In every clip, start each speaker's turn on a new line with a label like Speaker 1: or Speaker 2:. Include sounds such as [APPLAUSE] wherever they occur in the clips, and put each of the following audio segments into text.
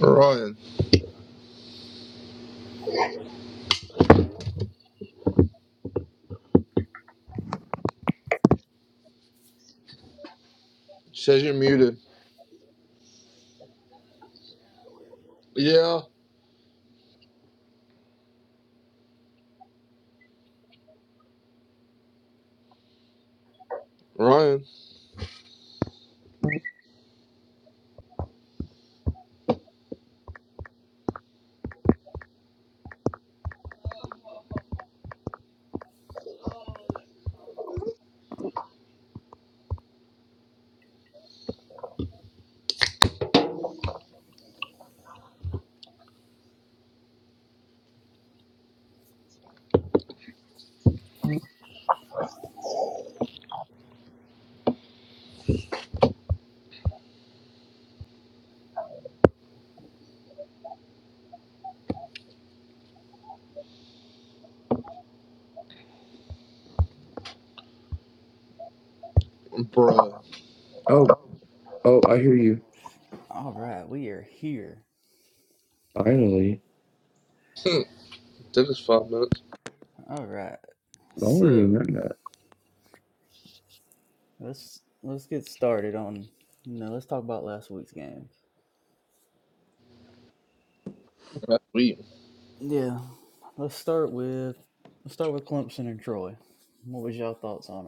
Speaker 1: Ryan says you're muted. Yeah, Ryan, bruh.
Speaker 2: Oh, oh, I hear you.
Speaker 3: All right, we are here.
Speaker 2: Finally,
Speaker 1: Hmm, Took us five minutes.
Speaker 3: All right,
Speaker 2: longer than
Speaker 3: so
Speaker 2: that.
Speaker 3: let's let's get started on. You know, let's talk about last week's game.
Speaker 1: That's weird.
Speaker 3: Yeah, let's start with let's start with Clemson and Troy. What was y'all thoughts on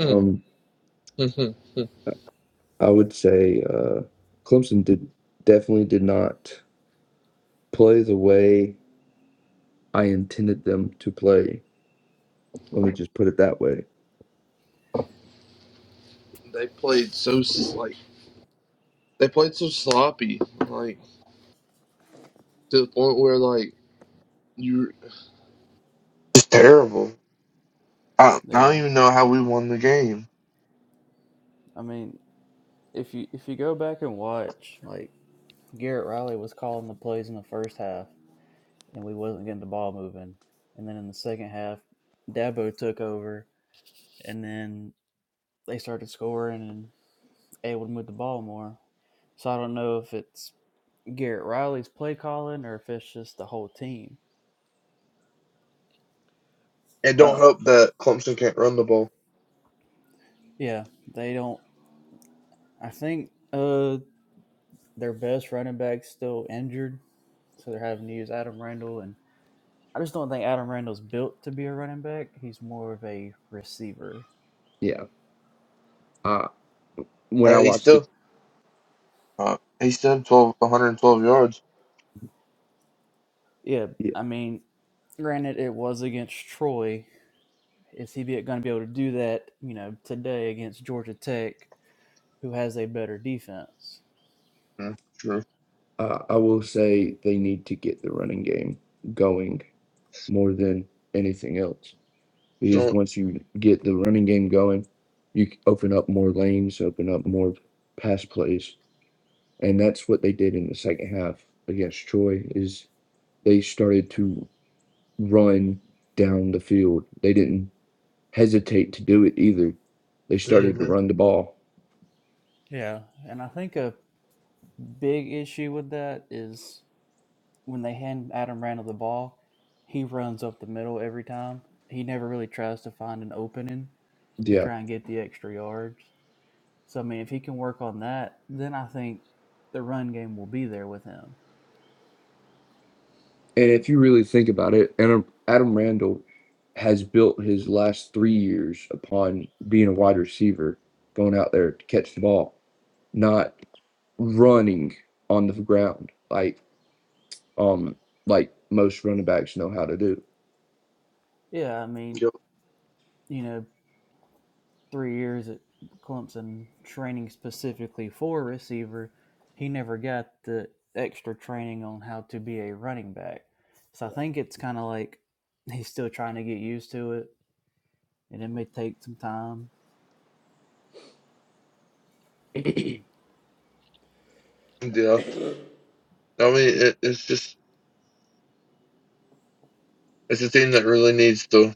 Speaker 1: Hmm,
Speaker 2: Um,
Speaker 1: hmm, hmm, hmm.
Speaker 2: I would say uh, Clemson did definitely did not play the way I intended them to play. Let me just put it that way.
Speaker 1: they played so s- like they played so sloppy, like to the point where like you. It's terrible. I,
Speaker 3: it?
Speaker 1: I don't
Speaker 3: Yeah,
Speaker 1: even know how we won the game.
Speaker 3: I mean, if you if you go back and watch, like Garrett Riley was calling the plays in the first half, and we wasn't getting the ball moving, and then in the second half, Dabo took over, and then they started scoring, and. able to move the ball more. So I don't know if it's Garrett Riley's play calling or if it's just the whole team.
Speaker 1: It don't
Speaker 2: Uh,
Speaker 1: help that Clemson can't run the ball.
Speaker 3: Yeah, they don't. I think uh their best running back's still injured, so they're having to use Adam Randall. And I just don't think Adam Randall's built to be a running back. He's more of a receiver.
Speaker 2: yeah. Uh, when I
Speaker 1: And he
Speaker 2: watched it,
Speaker 1: still, uh, he still had 12, one hundred twelve yards.
Speaker 3: Yeah,
Speaker 2: yeah,
Speaker 3: I mean, granted, it was against Troy. Is he going to be able to do that? You know, today against Georgia Tech, who has a better defense.
Speaker 1: Mm, true.
Speaker 2: uh, I will say they need to get the running game going more than anything else. Because
Speaker 1: So,
Speaker 2: once you get the running game going, you c- open up more lanes, open up more pass plays and that's what they did in the second half against Troy is they started to run down the field. They didn't hesitate to do it either. They started to
Speaker 1: hmm
Speaker 2: run the ball.
Speaker 3: Yeah, and I think a Big issue with that is when they hand Adam Randall the ball, he runs up the middle every time. He never really tries to find an opening to
Speaker 2: Yeah.
Speaker 3: try and get the extra yards. So I mean, if he can work on that, then I think the run game will be there with him.
Speaker 2: And if you really think about it, Adam, Adam Randall has built his last 3 years upon being a wide receiver, going out there to catch the ball, not running on the ground like um like most running backs know how to do.
Speaker 3: Yeah, I mean,
Speaker 1: yep.
Speaker 3: you know, three years at Clemson training specifically for receiver, he never got the extra training on how to be a running back. So I think it's kind of like he's still trying to get used to it, and it may take some time.
Speaker 1: Yeah. I mean, it, it's just it's a team that really needs to.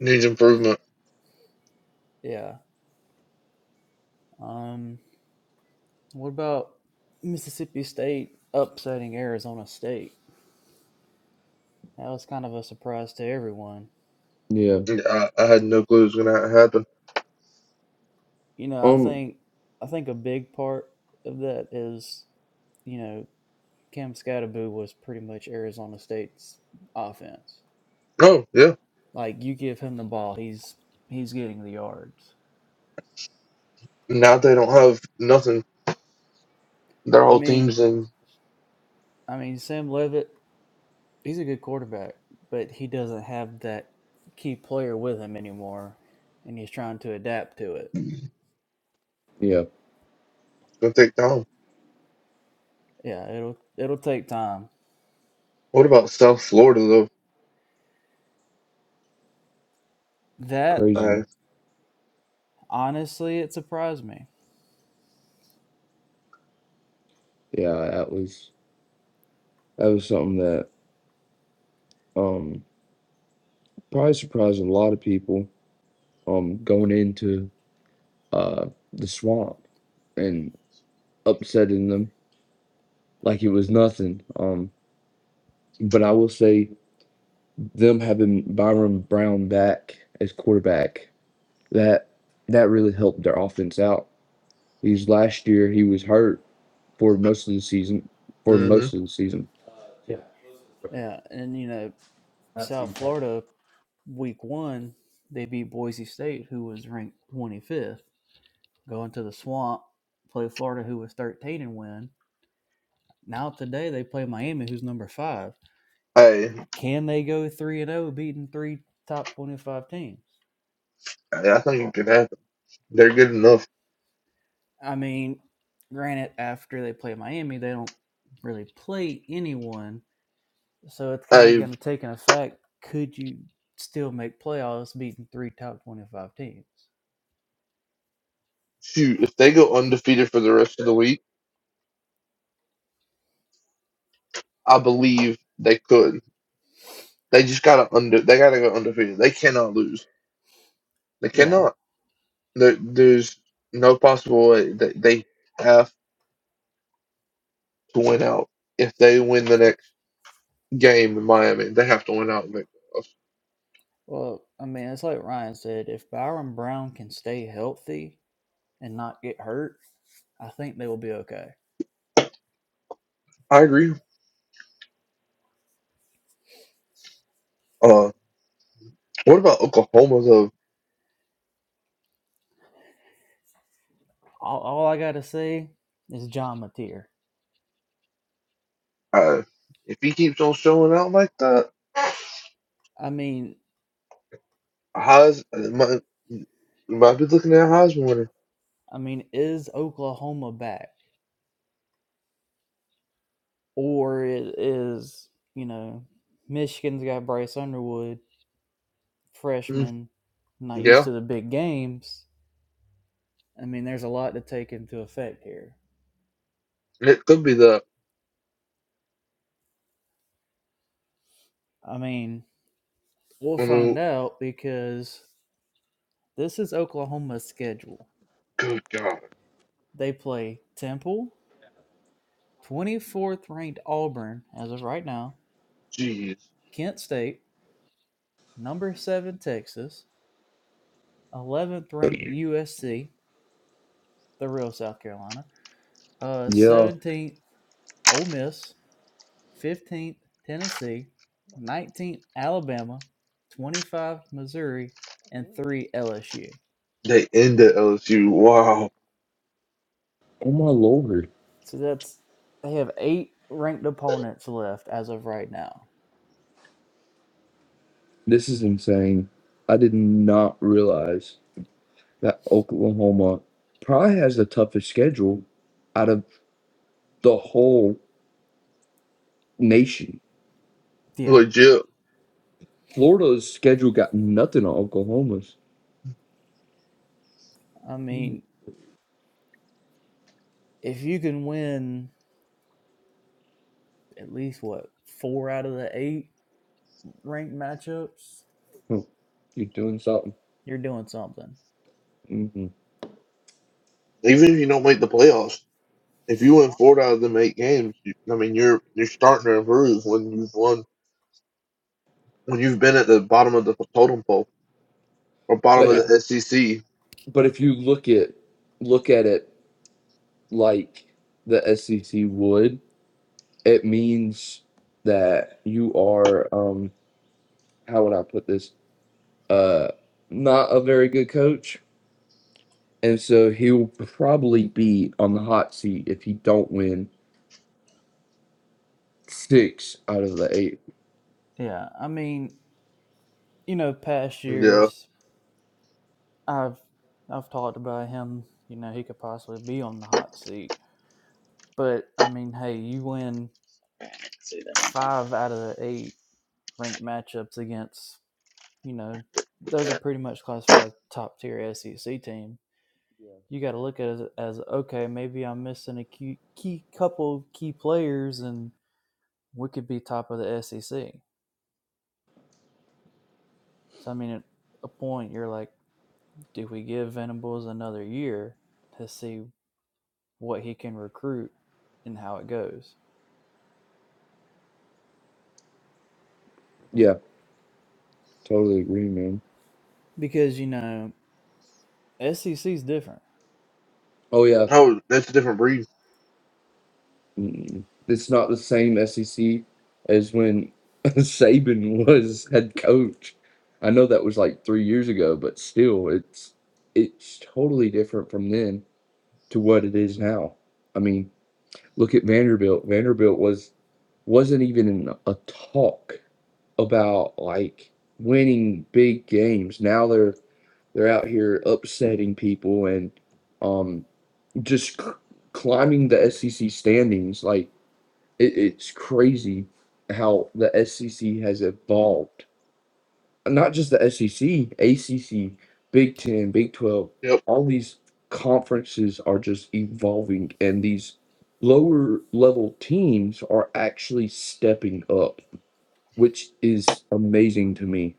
Speaker 1: needs improvement.
Speaker 3: Yeah. Um. What about Mississippi State upsetting Arizona State? That was kind of a surprise to everyone.
Speaker 2: Yeah.
Speaker 1: I, I had no clue it was going to happen.
Speaker 3: You know, I
Speaker 2: Um
Speaker 3: think I think a big part of that is, you know, Cam Scadaboo was pretty much Arizona State's offense.
Speaker 1: Oh, yeah.
Speaker 3: Like you give him the ball, he's he's getting the yards.
Speaker 1: Now they don't have nothing. Their
Speaker 3: I
Speaker 1: whole
Speaker 3: mean,
Speaker 1: team's in
Speaker 3: I mean Sam Levitt, he's a good quarterback, but he doesn't have that key player with him anymore, and he's trying to adapt to it.
Speaker 2: yeah.
Speaker 1: going to take down.
Speaker 3: Yeah, it'll it'll take time.
Speaker 1: What about South Florida, though?
Speaker 3: That
Speaker 2: Crazy.
Speaker 1: I,
Speaker 3: honestly, it surprised me.
Speaker 2: Yeah, that was that was something that um probably surprised a lot of people um going into uh the swamp and upsetting them like it was nothing. Um but I will say them having Byron Brown back as quarterback, that that really helped their offense out. Because last year he was hurt for most of the season for
Speaker 1: hmm
Speaker 2: most of the season.
Speaker 3: Yeah, and you know South Florida, week one, they beat Boise State, who was ranked 25th go into the swamp, play Florida, who was 13 and win. Now today they play Miami, who's number five.
Speaker 1: I,
Speaker 3: Can they go three and zero, beating three top 25 teams?
Speaker 1: I I think it could happen. They're good enough.
Speaker 3: I mean, granted, after they play Miami, they don't really play anyone, so it's kind of
Speaker 1: I
Speaker 3: going to take an effect. Could you still make playoffs beating three top 25 teams?
Speaker 1: Shoot, if they go undefeated for the rest of the week, I believe they could. They just gotta under. They gotta go undefeated. They cannot lose. They
Speaker 3: Yeah.
Speaker 1: cannot. There, there's no possible way that they have to win out. If they win the next game in Miami. They have to win out. and make the playoffs.
Speaker 3: Well, I mean, it's like Ryan said, if Byron Brown can stay healthy and not get hurt, I think they will be okay.
Speaker 1: I agree. Uh, what about Oklahoma though?
Speaker 3: all, all I gotta say is John Mateer.
Speaker 1: Uh, if he keeps on showing out like that,
Speaker 3: I mean,
Speaker 1: Heis uh, might might be looking at Heisman winner.
Speaker 3: I mean, is Oklahoma back, or it is you know, Michigan's got Bryce Underwood,
Speaker 1: Mm,
Speaker 3: freshman, not used
Speaker 1: yeah,
Speaker 3: to the big games. I mean, there's a lot to take into effect here.
Speaker 1: it could be that.
Speaker 3: I mean, we'll
Speaker 1: I mean,
Speaker 3: find out because this is Oklahoma's schedule.
Speaker 1: good God,
Speaker 3: They play Temple, 24th ranked Auburn as of right now,
Speaker 1: jeez,
Speaker 3: Kent State, number seven Texas, 11th ranked USC, the real South Carolina, uh,
Speaker 2: Yeah.
Speaker 3: 17th Ole Miss, 15th Tennessee, 19th Alabama, 25 Missouri, and 3 LSU.
Speaker 1: they ended LSU. Wow,
Speaker 2: Oh my lord.
Speaker 3: So that's they have eight ranked opponents left as of right now.
Speaker 2: This is insane. I did not realize that Oklahoma probably has the toughest schedule out of the whole nation.
Speaker 3: Yeah.
Speaker 1: legit.
Speaker 2: Florida's schedule got nothing on Oklahoma's.
Speaker 3: I
Speaker 2: Hmm.
Speaker 3: mean, if you can win at least what four out of the eight ranked matchups,
Speaker 2: You're doing something.
Speaker 3: you're doing something.
Speaker 2: hmm
Speaker 1: Even if you don't make the playoffs, if you win four out of them eight games, you, I mean, you're you're starting to improve when you've won when you've been at the bottom of the totem pole or bottom
Speaker 2: But
Speaker 1: of
Speaker 2: if,
Speaker 3: Yeah.
Speaker 1: the SEC
Speaker 2: but if you look at look at it like the SEC would, it means that you are um how would I put this? Uh, not a very good coach And so he'll probably be on the hot seat if he don't win six out of the eight.
Speaker 3: Yeah. I mean, you know, past
Speaker 1: Yeah.
Speaker 3: years I've I've talked about him. You know, he could possibly be on the hot seat. But I mean, hey, you win five out of the eight ranked matchups against you know those are pretty much classified top tier SEC team. You got to look at it as as okay, maybe I'm missing a key, key couple key players, and we could be top of the SEC. So I mean, at a point, you're like, do we give Venables another year to see what he can recruit and how it goes?
Speaker 2: Yeah, totally agree, man.
Speaker 3: because you know SEC is different.
Speaker 2: Oh yeah,
Speaker 1: Oh, that's a different breed.
Speaker 2: Mm, it's not the same SEC as when [LAUGHS] Saban was head coach. I know that was like three years ago, but still, it's it's totally different from then to what it is now. I mean, look at Vanderbilt. Vanderbilt was wasn't even in a talk about like winning big games. Now they're they're out here upsetting people and um just c- climbing the SEC standings. Like it, it's crazy how the SEC has evolved. Not just the SEC, ACC, Big Ten, Big Twelve.
Speaker 1: Yep.
Speaker 2: All these conferences are just evolving, and these lower level teams are actually stepping up, which is amazing to me.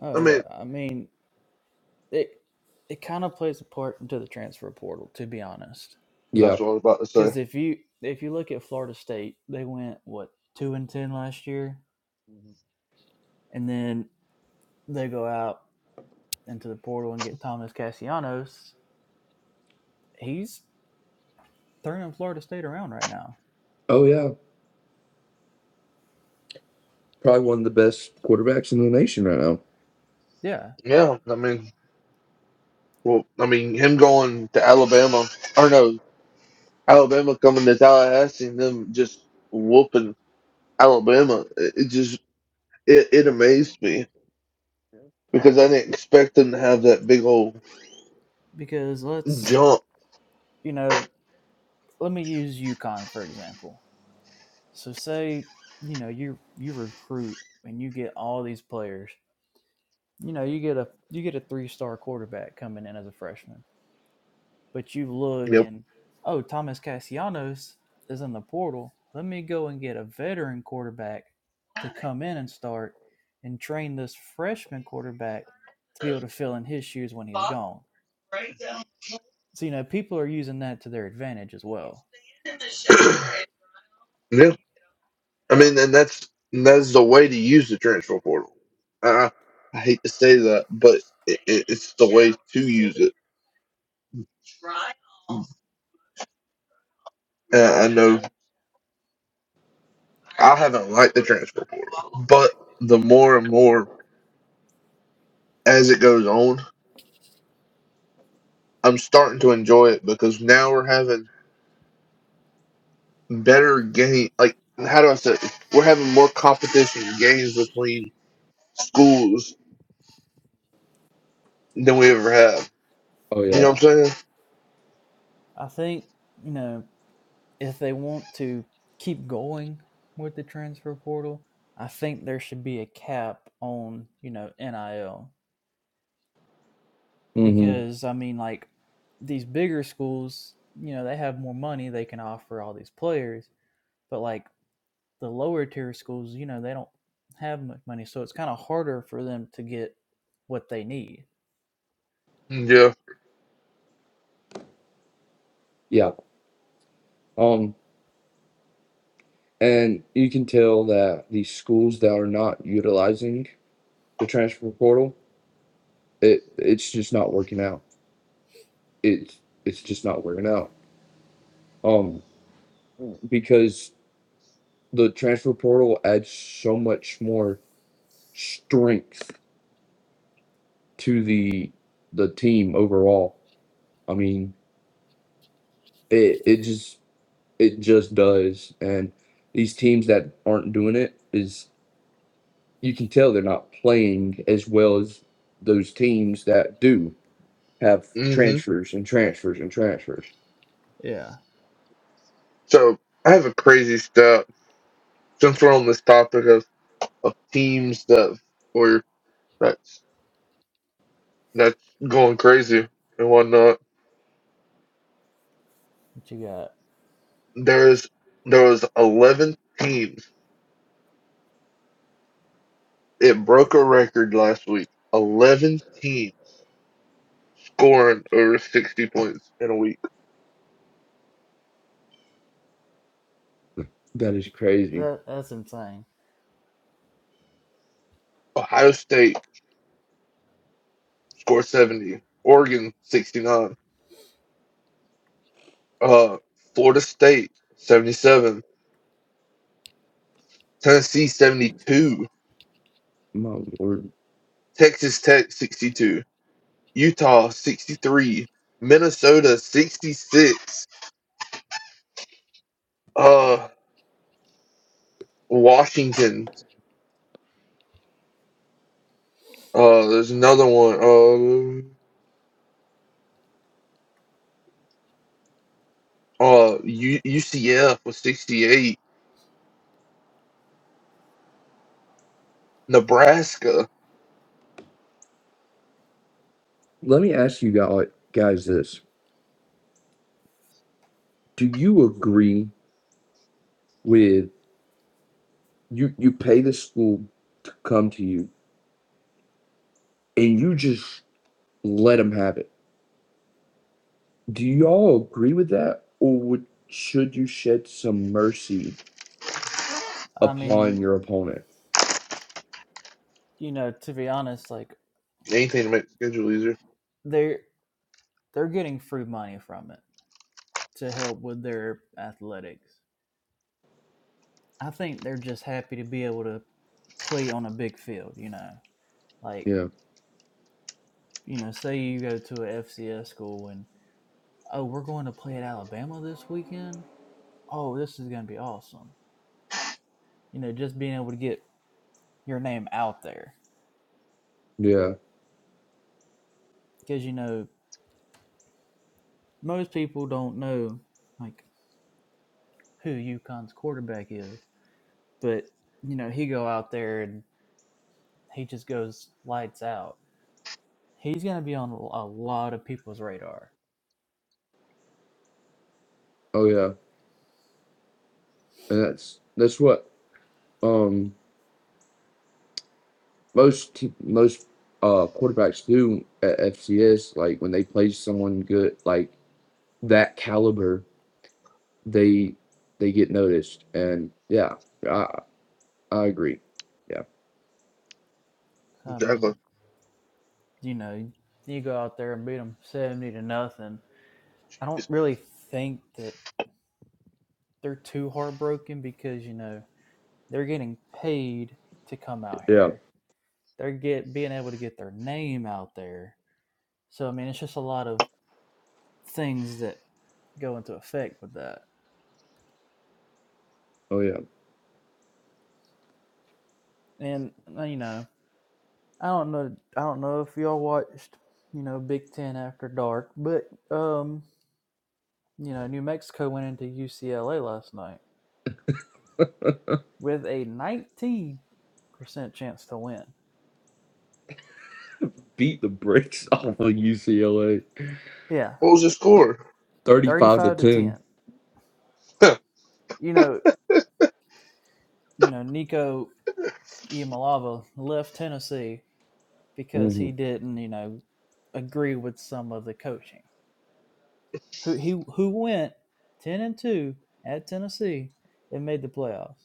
Speaker 3: Oh
Speaker 1: I
Speaker 3: yeah,
Speaker 1: mean,
Speaker 3: I mean it. It kind of plays a part into the transfer portal, to be honest.
Speaker 1: that's
Speaker 2: Yeah.
Speaker 1: what I was about to say.
Speaker 3: Because if you if you look at Florida State, they went what two and ten last year, and then they go out into the portal and get Thomas Cassianos. He's turning Florida State around right now.
Speaker 2: Oh yeah, probably one of the best quarterbacks in the nation right now.
Speaker 3: Yeah,
Speaker 1: Yeah. I mean, well, I mean, him going to Alabama, or no, Alabama coming to Tallahassee and them just whooping Alabama, it, it just, it, it amazed me because I didn't expect them to have that big old
Speaker 3: because let's
Speaker 1: jump.
Speaker 3: you know let me use UConn for example. So say you know you you recruit and you get all these players you know you get a you get a three star quarterback coming in as a freshman but you look
Speaker 1: Yep.
Speaker 3: and oh thomas cassianos is in the portal let me go and get a veteran quarterback to come in and start and train this freshman quarterback to be able to fill in his shoes when he's gone so you know people are using that to their advantage as well
Speaker 1: [CLEARS THROAT] yeah. I mean, and that's, that's the way to use the transfer portal. I, I hate to say that, but it, it, it's the way to use it. Uh, I know I haven't liked the transfer portal, but the more and more as it goes on, I'm starting to enjoy it because now we're having better game. Like, how do I say? it? We're having more competition in games between schools than we ever have.
Speaker 2: Oh
Speaker 1: You
Speaker 2: yeah.
Speaker 1: know
Speaker 3: yeah
Speaker 1: what I'm
Speaker 3: i think you know if they want to keep going with the transfer portal I think there should be a cap on, you know, NIL
Speaker 2: Mm-hmm.
Speaker 3: because I mean, like these bigger schools, you know, they have more money they can offer all these players, but like the lower tier schools, you know, they don't have much money, so it's kind of harder for them to get what they need.
Speaker 1: saying? Yeah.
Speaker 2: Yeah. Um, and you can tell that these schools that are not utilizing the transfer portal, it it's just not working out. It's it's just not working out. Um, because the transfer portal adds so much more strength to the the team overall. I mean, it it just It just does. And these teams that aren't doing it is you can tell they're not playing as well as those teams that do have
Speaker 1: hmm
Speaker 2: transfers and transfers and transfers.
Speaker 3: Yeah,
Speaker 1: So I have a crazy stat since we're on this topic of, of teams that were that's that's going crazy and whatnot.
Speaker 3: what you got?
Speaker 1: There's there was eleven teams. It broke a record last week. Eleven teams scoring over sixty points in a week.
Speaker 2: That is crazy.
Speaker 3: That that's insane.
Speaker 1: Ohio State scored seventy. Oregon sixty nine. Uh, Florida State seventy seven. Tennessee seventy two.
Speaker 2: My lord.
Speaker 1: Texas Tech sixty two. Utah sixty three. Minnesota sixty six. Uh, Washington. Uh, there's another one. Uh, Uh, U- UCF was 68. Nebraska.
Speaker 2: Let me ask you guy- guys this. Do you agree with you you pay the school to come to you and you just let them have it? Do y'all agree with that or would should you shed some mercy
Speaker 3: I
Speaker 2: upon
Speaker 3: mean,
Speaker 2: your opponent?
Speaker 3: you know, to be honest, like
Speaker 1: Anything to make the schedule easier.
Speaker 3: they're they're getting free money from it to help with their athletics. I think they're just happy to be able to play on a big field, you know. Like
Speaker 2: Yeah.
Speaker 3: you know, say you go to a FCS school and oh, we're going to play at Alabama this weekend. Oh, this is going to be awesome. You know, just being able to get your name out there
Speaker 2: Yeah.
Speaker 3: because you know most people don't know like who UConn's quarterback is, but you know he go out there and he just goes lights out. He's going to be on a lot of people's radar.
Speaker 2: Oh yeah. And that's that's what um most te- most uh quarterbacks do at FCS. Like when they play someone good like that caliber, they they get noticed. And yeah, I I agree. Yeah.
Speaker 3: So, I
Speaker 1: Exactly.
Speaker 3: mean, you know, you go out there and beat them seventy to nothing. I don't
Speaker 1: Just-
Speaker 3: really think that they're too heartbroken because you know they're getting paid to come out
Speaker 2: Yeah.
Speaker 3: here. They're get being able to get their name out there. So I mean, it's just a lot of things that go into effect with that.
Speaker 2: Oh yeah.
Speaker 3: And uh, you know, I don't know, I don't know if y'all watched, you know, Big Ten after dark, but um, you know, New Mexico went into UCLA last night with a 19 percent chance to win.
Speaker 2: Beat the brakes [LAUGHS] off of UCLA,
Speaker 3: Yeah,
Speaker 1: close the score? [LAUGHS]
Speaker 2: thirty-five to
Speaker 3: 35 to
Speaker 2: ten.
Speaker 3: 10.
Speaker 1: Huh.
Speaker 3: You know, you know, Nico Imalava left Tennessee because
Speaker 2: hmm
Speaker 3: he didn't, you know, agree with some of the coaching. Who he who went ten and two at Tennessee and made the playoffs.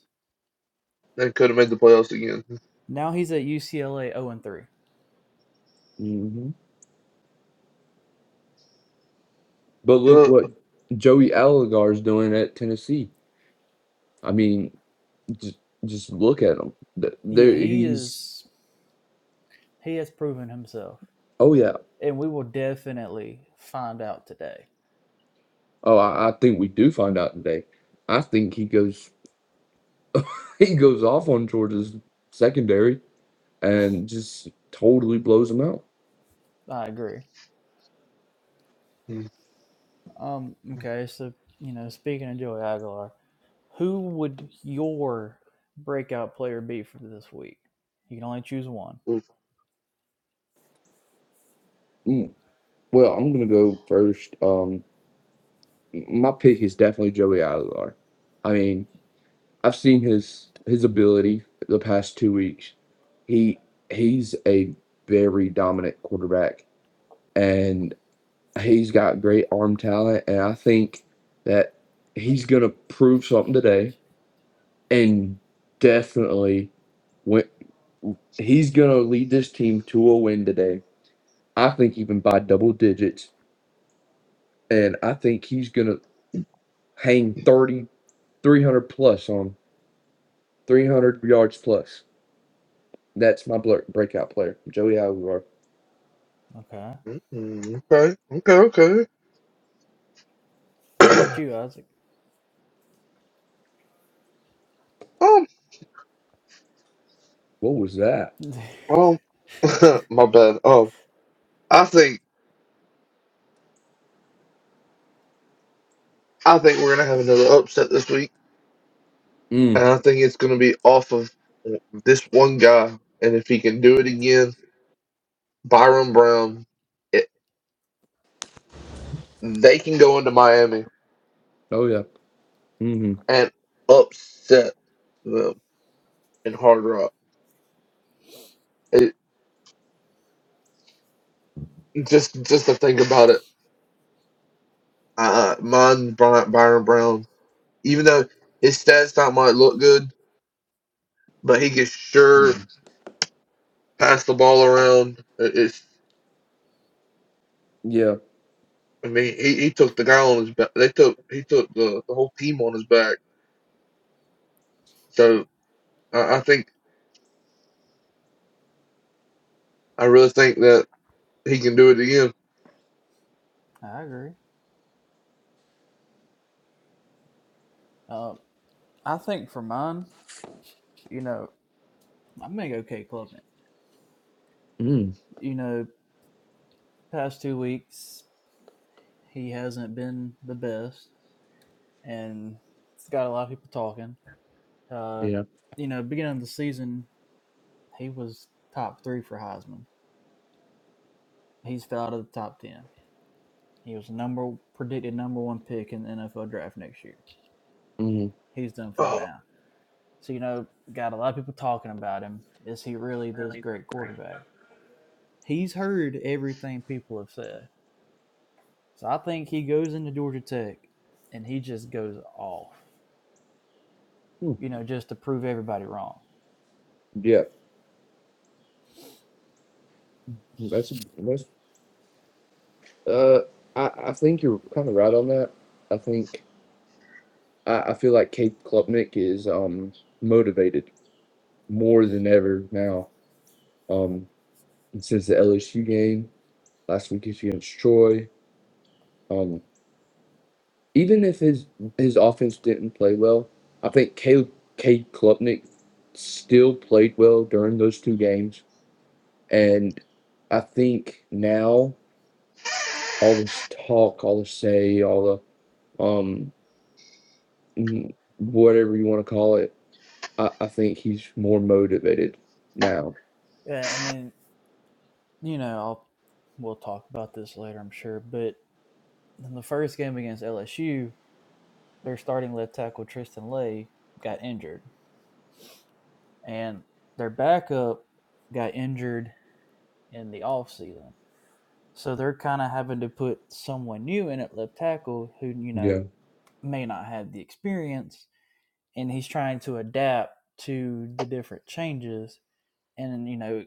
Speaker 1: They could have made the playoffs again.
Speaker 3: Now he's at UCLA zero and three.
Speaker 2: hmm But look
Speaker 1: Good.
Speaker 2: what Joey Allagaier's doing at Tennessee. I mean, just just look at him. Th-
Speaker 3: Yeah,
Speaker 2: There
Speaker 3: he
Speaker 2: he's
Speaker 3: is. He has proven himself,
Speaker 2: oh yeah.
Speaker 3: and we will definitely find out today.
Speaker 2: Oh, I, I think we do find out today. I think he goes [LAUGHS] he goes off on Georgia's secondary and just totally blows him out.
Speaker 3: I agree.
Speaker 1: Mm,
Speaker 3: Um. Okay. So you know, speaking of Joey Aguilar, who would your breakout player be for this week? You can only choose one.
Speaker 1: mm,
Speaker 2: Mm, Well, I'm gonna go first. Um, my pick is definitely Joey Aguilar. I mean, I've seen his his ability the past two weeks. He he's a very dominant quarterback, and. he's got great arm talent, and I think that he's gonna prove something today, and definitely win. He's gonna lead this team to a win today. I think even by double digits, and I think he's gonna hang 30 300 plus on 300 yards plus. That's my blur- breakout player, Joey Aguilar.
Speaker 3: Okay.
Speaker 1: mm, Okay. Okay.
Speaker 3: How
Speaker 1: Okay.
Speaker 3: about
Speaker 1: [CLEARS THROAT]
Speaker 3: you, Isaac?
Speaker 1: um.
Speaker 2: What was that?
Speaker 3: [LAUGHS]
Speaker 1: Um. [LAUGHS] my bad. Um. I think. I think we're gonna have another upset this week, and
Speaker 2: Mm.
Speaker 1: I think it's gonna be off of this one guy. And if he can do it again, Byron Brown, it, they can go into Miami.
Speaker 2: Oh yeah. Mm-hmm.
Speaker 1: and upset them in hard rock. It, just just to think about it, uh, mine Bry- Byron Brown. Even though his stats not might look good, but he can sure pass the ball around. It- It's
Speaker 2: Yeah.
Speaker 1: I mean he, he took the guy on his back. They took he took the, the whole team on his back. So I, I think I really think that he can do it again.
Speaker 3: I agree. Uh, I think for mine, you know, I'm gonna go Kate Klubnik.
Speaker 2: Mm.
Speaker 3: You know, past two weeks he hasn't been the best, and it's got a lot of people talking. Uh,
Speaker 2: Yeah.
Speaker 3: you know, beginning of the season he was top three for Heisman. He's fell out of the top ten. He was number predicted number one pick in the NFL draft next year.
Speaker 2: Mm-hmm.
Speaker 3: He's done fell
Speaker 1: Oh,
Speaker 3: down. So you know, got a lot of people talking about him. Is he really this great quarterback? He's heard everything people have said. So I think he goes into Georgia Tech and he just goes off, you know, just to prove everybody wrong.
Speaker 2: Yeah. That's that's Uh, I, I think you're kind of right on that. I think I, I feel like Kate Klubnik is um motivated more than ever now. Um, since the LSU game last week against Troy, um, even if his his offense didn't play well, I think Kate Kate Klubnik still played well during those two games, and I think now all this talk, all the say, all the um whatever you want to call it I, I think he's more motivated now.
Speaker 3: Yeah, and then, you know, I'll, we'll talk about this later, I'm sure. But in the first game against LSU, their starting left tackle, Tristan Lay, got injured. And their backup got injured in the offseason. So they're kind of having to put someone new in at left tackle who, you know,
Speaker 2: Yeah.
Speaker 3: may not have the experience and he's trying to adapt to the different changes. And you know,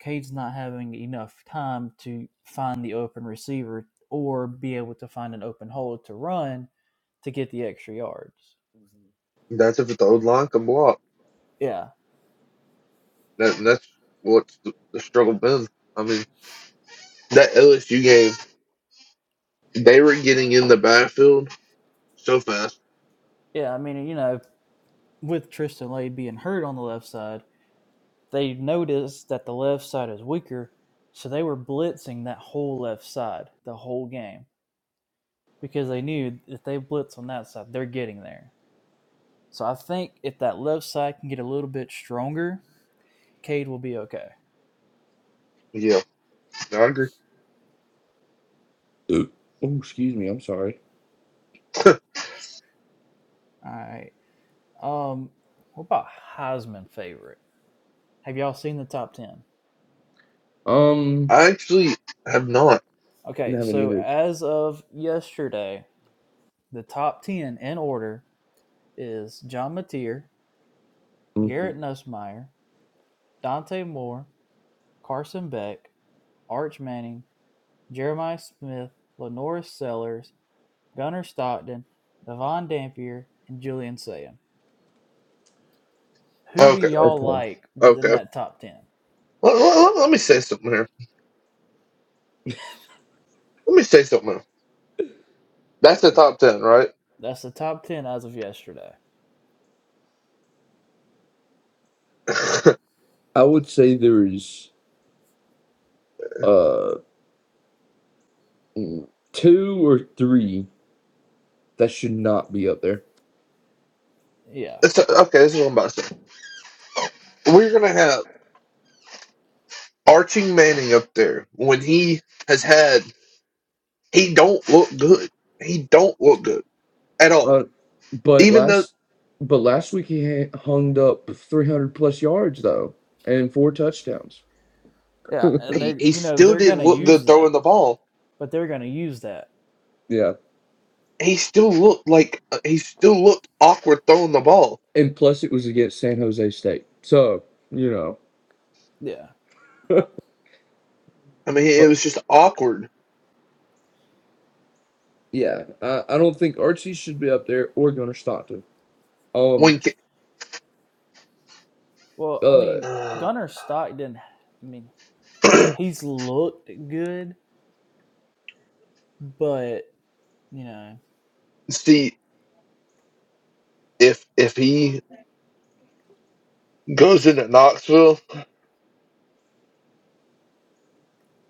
Speaker 3: Cade's not having enough time to find the open receiver or be able to find an open hole to run to get the extra yards.
Speaker 1: that's if the old line can block.
Speaker 3: Yeah,
Speaker 1: That, that's what's the, the struggle been. I mean that LSU game. They were getting in the backfield so fast.
Speaker 3: yeah. I mean, you know, with Tristan Lade being hurt on the left side, they noticed that the left side is weaker, so they were blitzing that whole left side the whole game because they knew if they blitz on that side, they're getting there So I think if that left side can get a little bit stronger, Cade will be okay.
Speaker 1: Yeah, I agree.
Speaker 2: Oh, excuse me. I'm sorry.
Speaker 3: All right. Um, what about Heisman favorite? Have y'all seen the top ten?
Speaker 2: Um,
Speaker 1: I actually have not.
Speaker 2: did
Speaker 3: Okay,
Speaker 2: have it
Speaker 3: so
Speaker 2: either.
Speaker 3: as of yesterday, the top ten in order is John Mateer,
Speaker 2: Mhm.
Speaker 3: Garrett Nussmeyer, Dante Moore, Carson Beck, Arch Manning, Jeremiah Smith, Lenora Sellers, Gunnar Stockton, Devon Dampier, and Julian Sayan. Who do
Speaker 1: Okay,
Speaker 3: y'all
Speaker 2: Okay.
Speaker 3: like within
Speaker 1: okay.
Speaker 3: that top ten?
Speaker 1: Let, let- let- me say something here. Let me say something. Here. That's the top ten, right?
Speaker 3: That's the top ten as of yesterday.
Speaker 1: [LAUGHS]
Speaker 2: I would say there's uh two or three that should not be up there.
Speaker 3: Yeah,
Speaker 1: It's- okay, this is what I'm about to say. We're gonna have Archie Manning up there when he has had. He don't look good. He don't look good at all.
Speaker 2: Uh, but
Speaker 1: Even though
Speaker 2: last, but last week he ha- hung up 300 plus yards though, and four touchdowns.
Speaker 3: yeah, and
Speaker 1: he,
Speaker 3: they're
Speaker 1: he
Speaker 3: you know
Speaker 1: still
Speaker 3: they're
Speaker 1: didn't
Speaker 3: gonna
Speaker 1: look good
Speaker 3: use that,
Speaker 1: throwing the ball.
Speaker 3: but they're gonna use that.
Speaker 2: Yeah,
Speaker 1: He still looked like uh, he still looked awkward throwing the ball.
Speaker 2: and plus it was against San Jose State. So you know,
Speaker 3: Yeah.
Speaker 1: I mean, it
Speaker 2: but
Speaker 1: was just awkward
Speaker 2: yeah, I, I don't think Archie should be up there or Gunnar Stockton. Um,
Speaker 1: when
Speaker 3: Well, I
Speaker 2: uh,
Speaker 3: mean,
Speaker 1: ca-
Speaker 3: Gunnar Stockton. I mean,
Speaker 1: [CLEARS THROAT]
Speaker 3: he's looked good, but you know,
Speaker 1: see if if he goes into Knoxville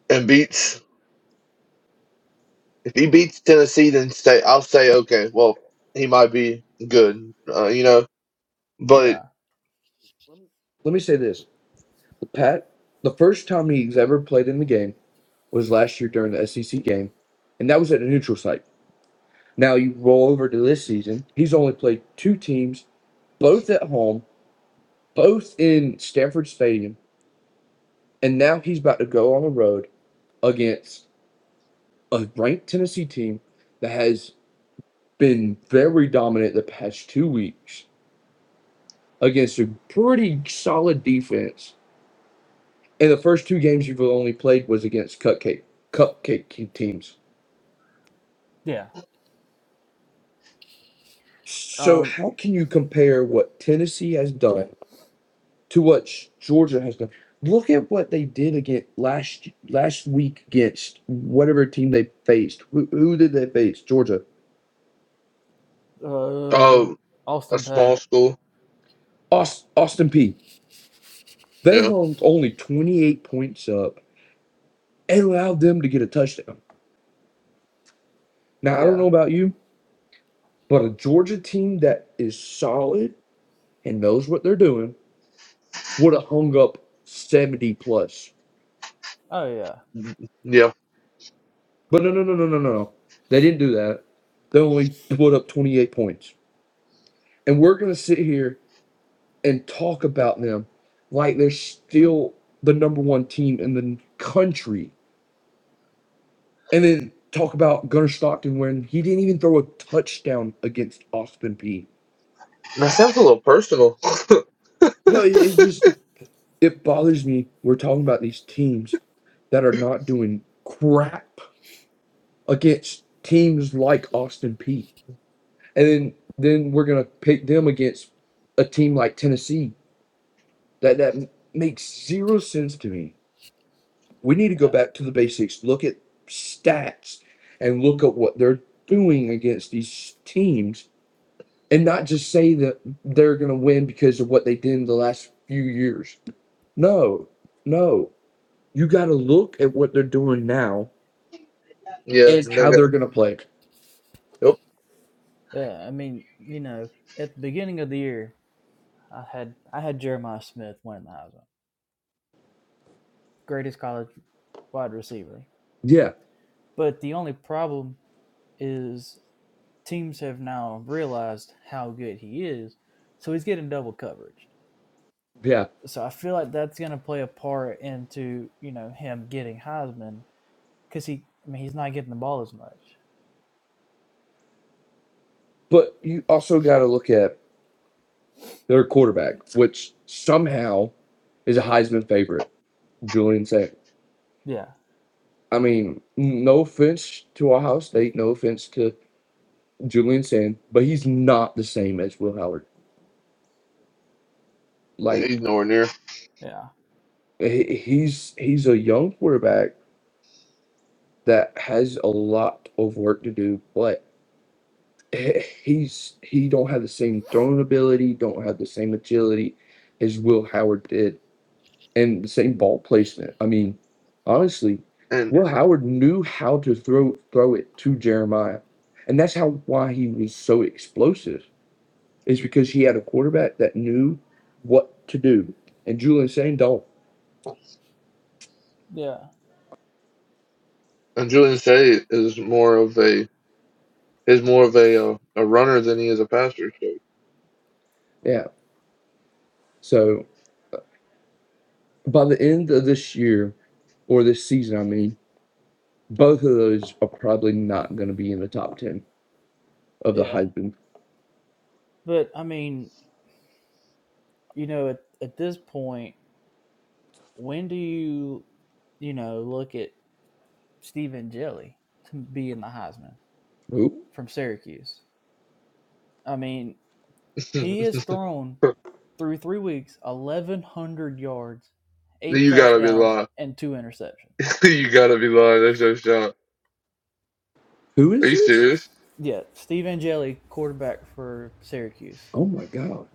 Speaker 1: and beats if he beats Tennessee, then say I'll say okay, well he might be good, uh, you know. But
Speaker 3: yeah,
Speaker 2: let me say this: Pat, the first time he's ever played in the game was last year during the SEC game, and that was at a neutral site. Now you roll over to this season; he's only played two teams, both at home, both in Stanford Stadium, and now he's about to go on the road against a ranked Tennessee team that has been very dominant the past two weeks against a pretty solid defense And the first two games you've only played was against cupcake cupcake teams.
Speaker 3: yeah.
Speaker 2: So
Speaker 3: Um,
Speaker 2: how can you compare what Tennessee has done to what Georgia has done? Look at what they did again last last week against whatever team they faced. Who, who did they face? Georgia.
Speaker 3: uh,
Speaker 1: um, a
Speaker 3: Austin Pay.
Speaker 1: small school,
Speaker 2: Aus- Austin P. They
Speaker 1: yeah,
Speaker 2: hung only 28 points up and allowed them to get a touchdown. Now I don't
Speaker 3: Yeah.
Speaker 2: know about you, but a Georgia team that is solid and knows what they're doing would have hung up 70 plus.
Speaker 3: Oh yeah,
Speaker 1: mm, yeah,
Speaker 2: But no, no, no, no, no, no. no. They didn't do that. They only put up 28 points. And we're going to sit here and talk about them like they're still the number one team in the country. And then talk about Gunnar Stockton when he didn't even throw a touchdown against Austin Peay.
Speaker 1: that sounds a little personal.
Speaker 2: No, it, it just it bothers me. We're talking about these teams that are not doing crap against teams like Austin Peay. and then then we're gonna pick them against a team like Tennessee. That that makes zero sense to me. We need to go
Speaker 3: yeah,
Speaker 2: back to the basics. Look at stats and look at what they're doing against these teams, and not just say that they're gonna win because of what they did in the last few years. No, no. You got to look at what they're doing now
Speaker 1: Yeah,
Speaker 2: and
Speaker 1: they
Speaker 2: how
Speaker 1: got
Speaker 2: they're gonna play.
Speaker 1: nope,
Speaker 3: yeah. I mean, you know, at the beginning of the year, I had I had Jeremiah Smith winning the Heisman, greatest college wide receiver.
Speaker 2: Yeah,
Speaker 3: But the only problem is teams have now realized how good he is, so he's getting double coverage.
Speaker 2: yeah.
Speaker 3: So I feel like that's going to play a part into you know him getting Heisman because he, I mean, he's not getting the ball as much.
Speaker 2: But you also got to look at their quarterback, which somehow is a Heisman favorite, Julian Sand.
Speaker 3: Yeah,
Speaker 2: I mean, no offense to Ohio State, no offense to Julian Sand, but he's not the same as Will Howard.
Speaker 1: he's
Speaker 2: Like
Speaker 1: nowhere near.
Speaker 3: yeah,
Speaker 2: he's he's a young quarterback that has a lot of work to do, but he's he don't have the same throwing ability, don't have the same agility as Will Howard did and the same ball placement. I mean, honestly,
Speaker 1: And
Speaker 2: Will Howard knew how to throw throw it to Jeremiah, and that's how why he was so explosive is because he had a quarterback that knew what to do, and Julian Saint don't.
Speaker 3: yeah,
Speaker 1: and Julian Say is more of a is more of a uh, a runner than he is a passer.
Speaker 2: Yeah, so by the end of this year or this season, I mean, both of those are probably not going to be in the top ten of the
Speaker 3: yeah.
Speaker 2: Heisman.
Speaker 3: But I mean, you know, at at this point, when do you, you know, look at Stephen Jelly to be in the Heisman
Speaker 2: Who
Speaker 3: from Syracuse? I mean,
Speaker 1: So
Speaker 3: he has thrown
Speaker 1: [LAUGHS]
Speaker 3: through three weeks, 1,100 yards, eight
Speaker 1: you gotta be
Speaker 3: touchdowns,
Speaker 1: lying.
Speaker 3: and two interceptions.
Speaker 1: [LAUGHS] you gotta be lying. That's your shot.
Speaker 2: who
Speaker 1: Are
Speaker 2: is
Speaker 1: you
Speaker 2: this?
Speaker 1: serious?
Speaker 3: Yeah, Steve Angeli, quarterback for Syracuse.
Speaker 2: Oh my god!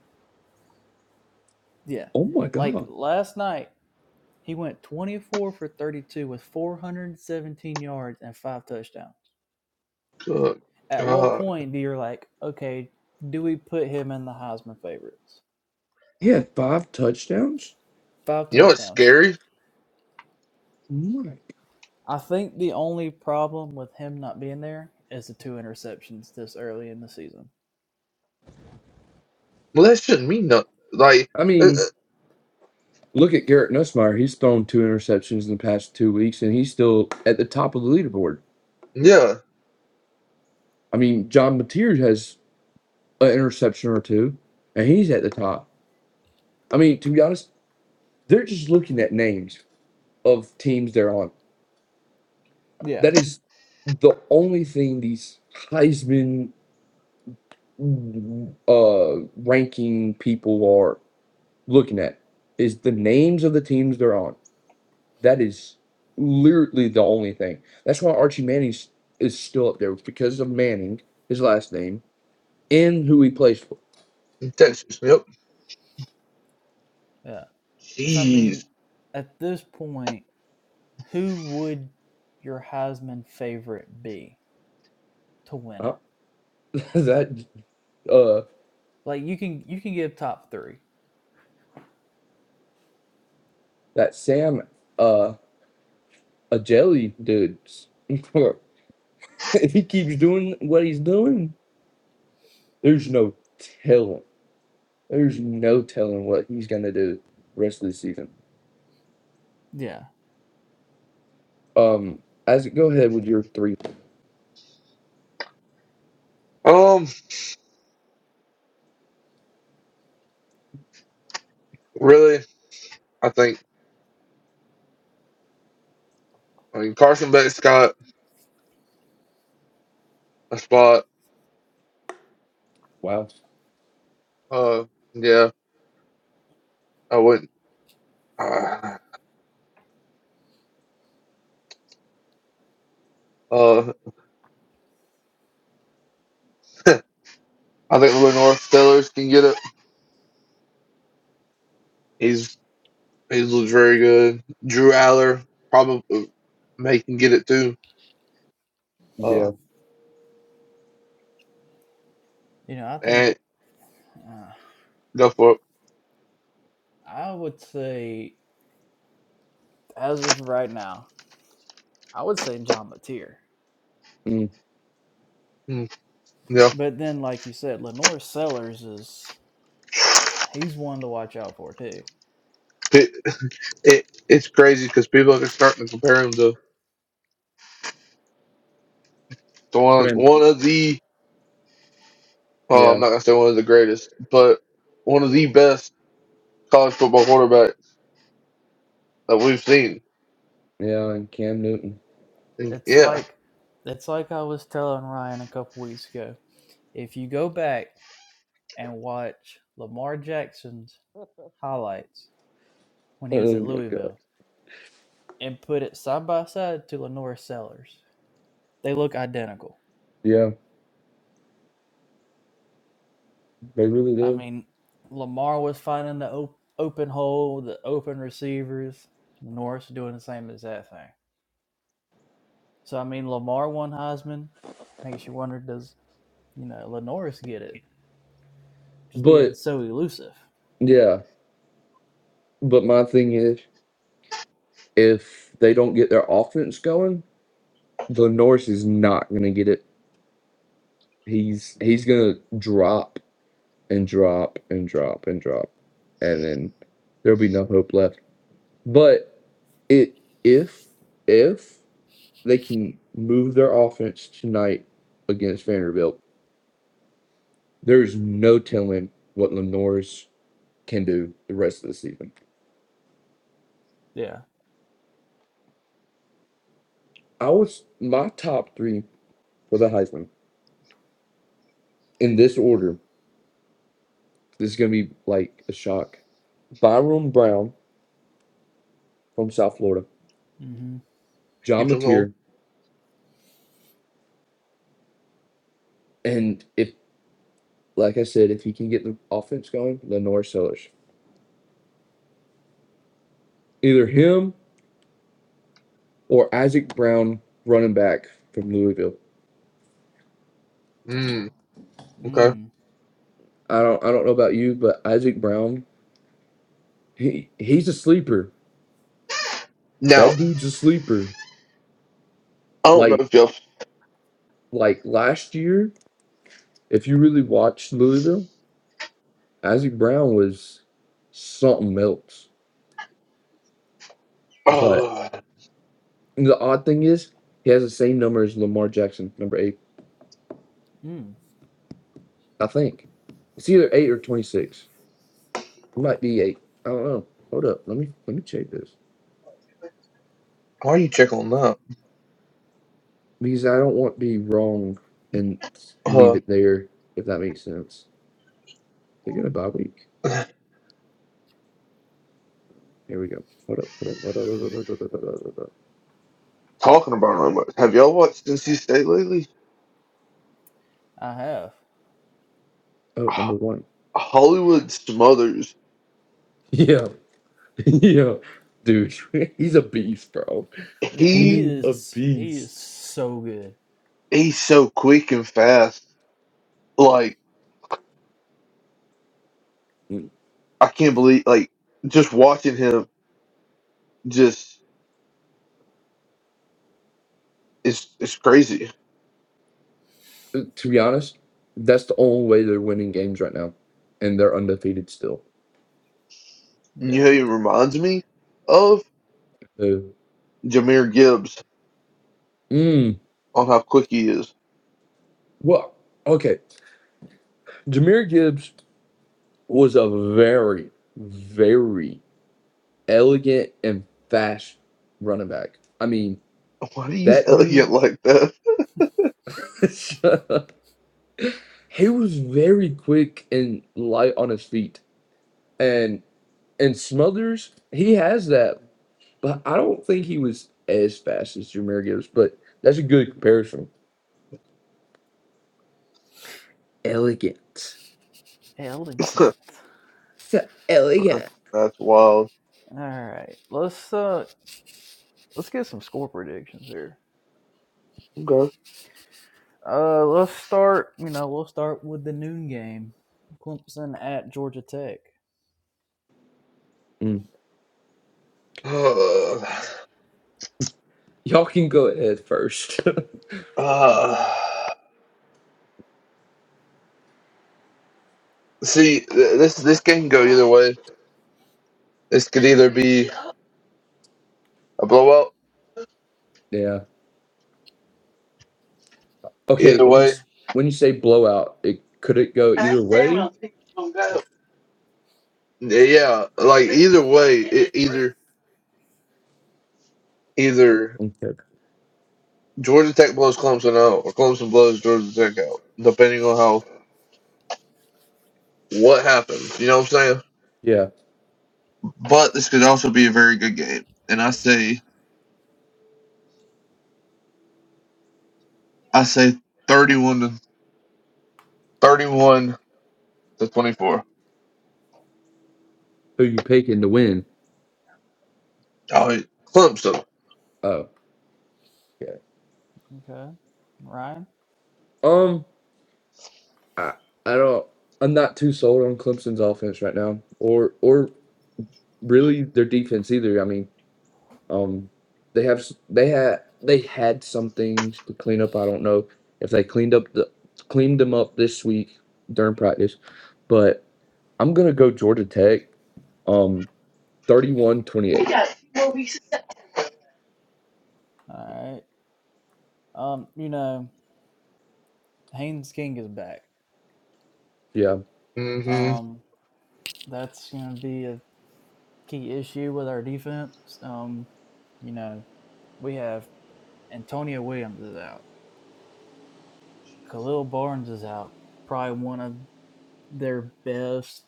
Speaker 3: Yeah,
Speaker 2: Oh my
Speaker 3: like
Speaker 2: god!
Speaker 3: last night, he went 24 for 32 with 417 yards and five touchdowns.
Speaker 1: Good
Speaker 3: At what
Speaker 1: God.
Speaker 3: point do you're like, okay, do we put him in the Heisman favorites?
Speaker 2: He had five touchdowns.
Speaker 3: Five
Speaker 1: You know what's
Speaker 3: touchdowns.
Speaker 1: scary?
Speaker 2: my.
Speaker 3: I think the only problem with him not being there is the two interceptions this early in the season.
Speaker 1: Well, that shouldn't mean nothing. Like,
Speaker 2: I
Speaker 1: uh, uh,
Speaker 2: mean, look at Garrett Nussmeyer. He's thrown two interceptions in the past two weeks, and he's still at the top of the leaderboard.
Speaker 1: yeah,
Speaker 2: I mean, John Mateer has an interception or two, and he's at the top. I mean, to be honest, they're just looking at names of teams they're on.
Speaker 3: Yeah.
Speaker 2: That is the only thing these Heisman uh, ranking people are looking at is the names of the teams they're on. That is literally the only thing. That's why Archie Manning is still up there because of Manning, his last name, and who he plays for.
Speaker 1: in Texas. Yep.
Speaker 3: Yeah. So I
Speaker 1: Jeez.
Speaker 3: mean, at this point, who would your Heisman favorite be to win
Speaker 2: Uh,
Speaker 3: it?
Speaker 2: [LAUGHS] that uh,
Speaker 3: Like you can you can give top three.
Speaker 2: that Sam uh, a jelly dude. [LAUGHS] if he keeps doing what he's doing, there's no telling. There's no telling what he's gonna do the rest of the season.
Speaker 3: Yeah,
Speaker 2: Um, Isaac, go ahead with your three.
Speaker 1: Um, really? I think, I mean, Carson Beck's got a spot.
Speaker 2: Wow.
Speaker 1: Uh, yeah, I wouldn't. Uh, uh [LAUGHS] I think Lenore Stellars can get it. He's, he looks very good. Drew Aller probably may can get it too. Uh,
Speaker 2: Yeah.
Speaker 3: you know I think
Speaker 1: and
Speaker 3: uh,
Speaker 1: go for it.
Speaker 3: I would say as of right now, I would say John Mateer.
Speaker 2: Mm.
Speaker 1: Mm, yeah.
Speaker 3: But then, like you said, Lenore Sellers is he's one to watch out for too.
Speaker 1: it it's crazy because people are starting to compare him to, to one one of the oh
Speaker 2: Yeah.
Speaker 1: I'm not gonna say one of the greatest, but one of the best college football quarterbacks that we've seen.
Speaker 2: Yeah. And Cam Newton.
Speaker 1: And
Speaker 3: It's
Speaker 1: yeah,
Speaker 3: like it's like I was telling Ryan a couple weeks ago. If you go back and watch Lamar Jackson's highlights when he was
Speaker 2: Oh
Speaker 3: at
Speaker 2: my god.
Speaker 3: Louisville and put it side by side to Lenore Sellers. They look identical.
Speaker 2: Yeah. They really
Speaker 3: I
Speaker 2: did.
Speaker 3: mean, Lamar was finding the op- open hole, the open receivers. Norris doing the same exact thing. So I mean, Lamar won Heisman. Makes you wonder, does you know Lenoris get it? Just being
Speaker 2: But
Speaker 3: so elusive.
Speaker 2: yeah, but my thing is, if they don't get their offense going, the Norris is not gonna get it. He's he's gonna drop and drop and drop and drop, and then there'll be no hope left. But it if if they can move their offense tonight against Vanderbilt, there's no telling what Lenore's can do the rest of the season.
Speaker 3: Yeah.
Speaker 2: I was my top three for the Heisman. in this order. This is going to be like a shock. Byron Brown from South Florida,
Speaker 3: Mm-hmm.
Speaker 2: John
Speaker 1: keeps him going.
Speaker 2: Mateer, and if, like I said, if he can get the offense going, Lenore Sellers. Either him or Isaac Brown, running back from Louisville.
Speaker 1: Mm, okay.
Speaker 3: Mm.
Speaker 2: I don't, I don't know about you, but Isaac Brown, he, he's a sleeper.
Speaker 1: Now
Speaker 2: That dude's a sleeper.
Speaker 1: I don't know
Speaker 2: Like,
Speaker 1: if y'all.
Speaker 2: like last year, if you really watched Louisville, Isaac Brown was something else. But
Speaker 1: Uh,
Speaker 2: And The odd thing is, he has the same number as Lamar Jackson, number eight,
Speaker 3: Mm.
Speaker 2: I think. It's either eight or twenty-six. It might be eight. I don't know. Hold up. Let me let me check this
Speaker 1: why are you checking on that?
Speaker 2: because I don't want to be wrong and leave
Speaker 1: Uh,
Speaker 2: it there. If that makes sense. They're gonna bye week. Here we go. Hold up. Hold up. Hold up. Hold up, hold up, hold up, hold up.
Speaker 1: talking about it much. Have y'all watched NC State lately?
Speaker 3: I have.
Speaker 2: Oh, number
Speaker 1: [SIGHS]
Speaker 2: one.
Speaker 1: Uh, Hollywood Smothers.
Speaker 2: Yeah. [LAUGHS] Yeah. Dude, [LAUGHS] he's a beast, bro.
Speaker 3: Yeah, he
Speaker 1: He
Speaker 2: He's a
Speaker 3: is he is
Speaker 2: beast.
Speaker 3: so good.
Speaker 1: he's so quick and fast. Like I can't believe. Like just watching him. Just It's it's crazy.
Speaker 2: to be honest, that's the only way they're winning games right now, and they're undefeated still.
Speaker 1: And You know,
Speaker 3: Yeah.
Speaker 1: it reminds me of
Speaker 2: So,
Speaker 1: Jameer Gibbs
Speaker 2: mm,
Speaker 1: on how quick he is.
Speaker 2: well, okay. Jameer Gibbs was a very, very elegant and fast running back. I mean,
Speaker 1: [LAUGHS] Why do he's
Speaker 2: that
Speaker 1: elegant
Speaker 2: dude,
Speaker 1: like that?
Speaker 2: [LAUGHS] he was very quick and light on his feet. And and Smothers, he has that, but I don't think he was as fast as Jameer Gibbs. But that's a good comparison. Elegant
Speaker 1: [LAUGHS]
Speaker 3: Elegant.
Speaker 2: So elegant.
Speaker 1: that's that's wild.
Speaker 3: All right. Let's uh let's get some score predictions here.
Speaker 1: Okay.
Speaker 3: Uh let's start, you know, we'll start with the noon game. Clemson at Georgia Tech.
Speaker 2: Mm.
Speaker 1: [SIGHS]
Speaker 2: Y'all can go ahead first.
Speaker 1: Uh, uh, see, th- this this can go either way. This could either be a blowout.
Speaker 2: [LAUGHS] yeah. Okay.
Speaker 1: Either
Speaker 2: When you
Speaker 1: way,
Speaker 2: s- when you say blowout, it could it go either way?
Speaker 1: yeah, yeah, like either way, it, either either
Speaker 2: Okay.
Speaker 1: Georgia Tech blows Clemson out or Clemson blows Georgia Tech out, depending on how what happens. You know what I'm saying?
Speaker 2: Yeah.
Speaker 1: but this could also be a very good game. And I say I say 31 to 31 to 24.
Speaker 2: Who you picking to win?
Speaker 1: All right, Clemson.
Speaker 2: Oh. Okay.
Speaker 3: Okay. Ryan?
Speaker 2: Um. I I don't. I'm not too sold on Clemson's offense right now, or or really their defense either. I mean, Um, they have s- they had they had some things to clean up. I don't know if they cleaned up the cleaned them up this week during practice, but I'm gonna go Georgia Tech. Um, thirty-one twenty-eight.
Speaker 3: All right. Um, you know, Haynes King is back.
Speaker 2: Yeah.
Speaker 1: mm hmm
Speaker 3: Um that's gonna be a key issue with our defense. Um, you know, we have Antonio Williams is out. Khalil Barnes is out. Probably one of their best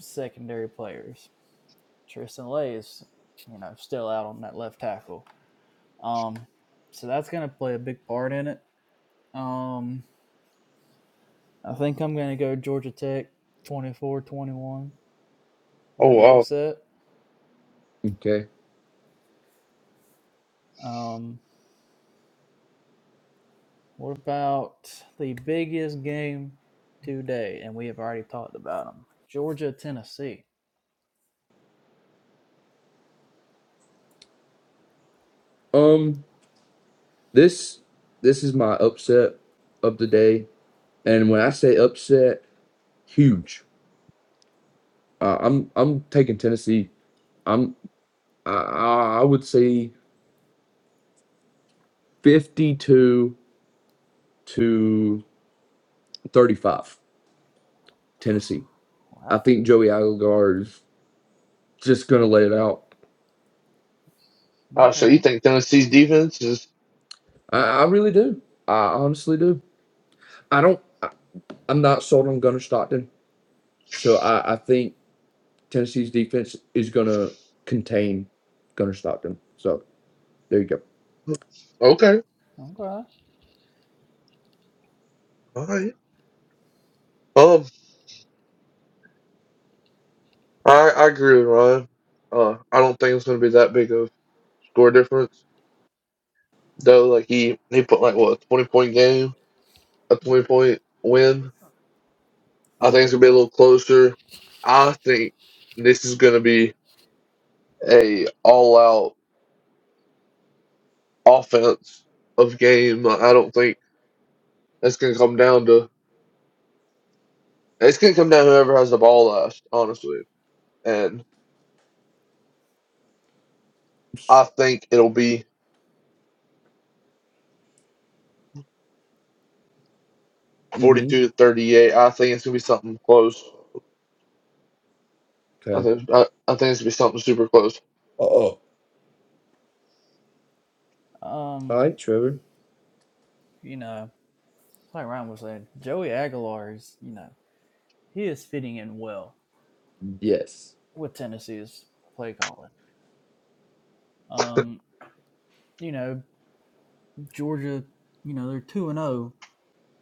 Speaker 3: secondary players. Tristan Lay is, you know, still out on that left tackle. Um, so that's going to play a big part in it. Um, I think I'm going to go Georgia Tech 24, 21,
Speaker 1: Oh
Speaker 3: with the
Speaker 1: wow.
Speaker 3: upset.
Speaker 2: Okay.
Speaker 3: Um, what about the biggest game today? And we have already talked about them Georgia Tennessee.
Speaker 2: Um, this this is my upset of the day, and when I say upset, huge. Uh, I'm I'm taking Tennessee. I'm I, I I would say 52 to 35. Tennessee. I
Speaker 3: Wow.
Speaker 2: think Joey Aguilar is just going to let it out.
Speaker 1: Uh, so you
Speaker 3: Okay.
Speaker 1: think Tennessee's defense is
Speaker 2: I, I really do. I honestly do. I don't. I, I'm not sold on Gunnar Stockton, so I, I think Tennessee's defense is going to contain Gunnar Stockton. So there you go.
Speaker 1: okay?
Speaker 3: Okay.
Speaker 1: All right. Um, I I agree with Ryan. Uh, I don't think it's going to be that big of score difference though. Like he he put like what a 20 point game, a 20 point win. I think
Speaker 3: Yeah.
Speaker 1: it's going to be a little closer. I think this is going to be a all out. offense of game. I don't think it's going to come down to it's going to come down to whoever has the ball last, honestly. And I think it'll be
Speaker 2: Mm-hmm.
Speaker 1: forty-two to thirty-eight. I think it's going to be something close. I
Speaker 2: Okay.
Speaker 1: think I, I think it's going to be something super close.
Speaker 2: Uh Oh. All
Speaker 3: Um,
Speaker 2: right, Trevor.
Speaker 3: you know, like Ryan was saying, Joey Aguilar is, you know, he is fitting in well
Speaker 2: Yes.
Speaker 3: with Tennessee's play calling. Um, you know, Georgia, you know, they're 2 and 0,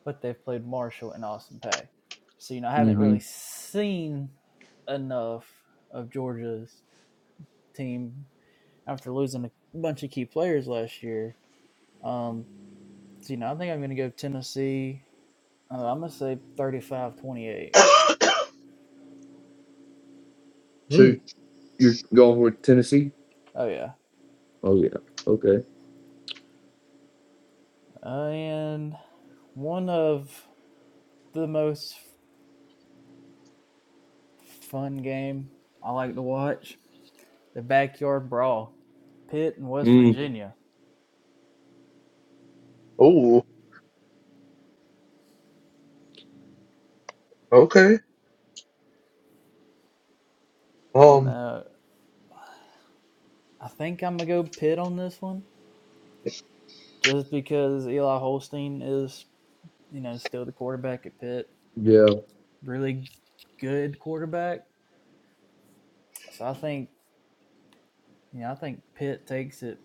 Speaker 3: but they've played Marshall and Austin Pay. So, you know, I haven't
Speaker 2: Mm-hmm.
Speaker 3: really seen enough of Georgia's team after losing a bunch of key players last year. Um, so, you know, I think I'm going to go Tennessee. Uh, I'm going to say 35 28.
Speaker 1: Hmm.
Speaker 2: So you're going with Tennessee?
Speaker 3: Oh, yeah.
Speaker 2: Oh yeah. Okay.
Speaker 3: Uh, and one of the most fun game I like to watch, the Backyard Brawl, Pitt and West
Speaker 2: Mm.
Speaker 3: Virginia.
Speaker 1: Oh. Okay.
Speaker 3: You
Speaker 1: Um.
Speaker 3: know, I think I'm gonna go Pitt on this one, just because Eli Holstein is, you know, still the quarterback at Pitt,
Speaker 2: Yeah.
Speaker 3: really good quarterback. So I think, you know, I think Pitt takes it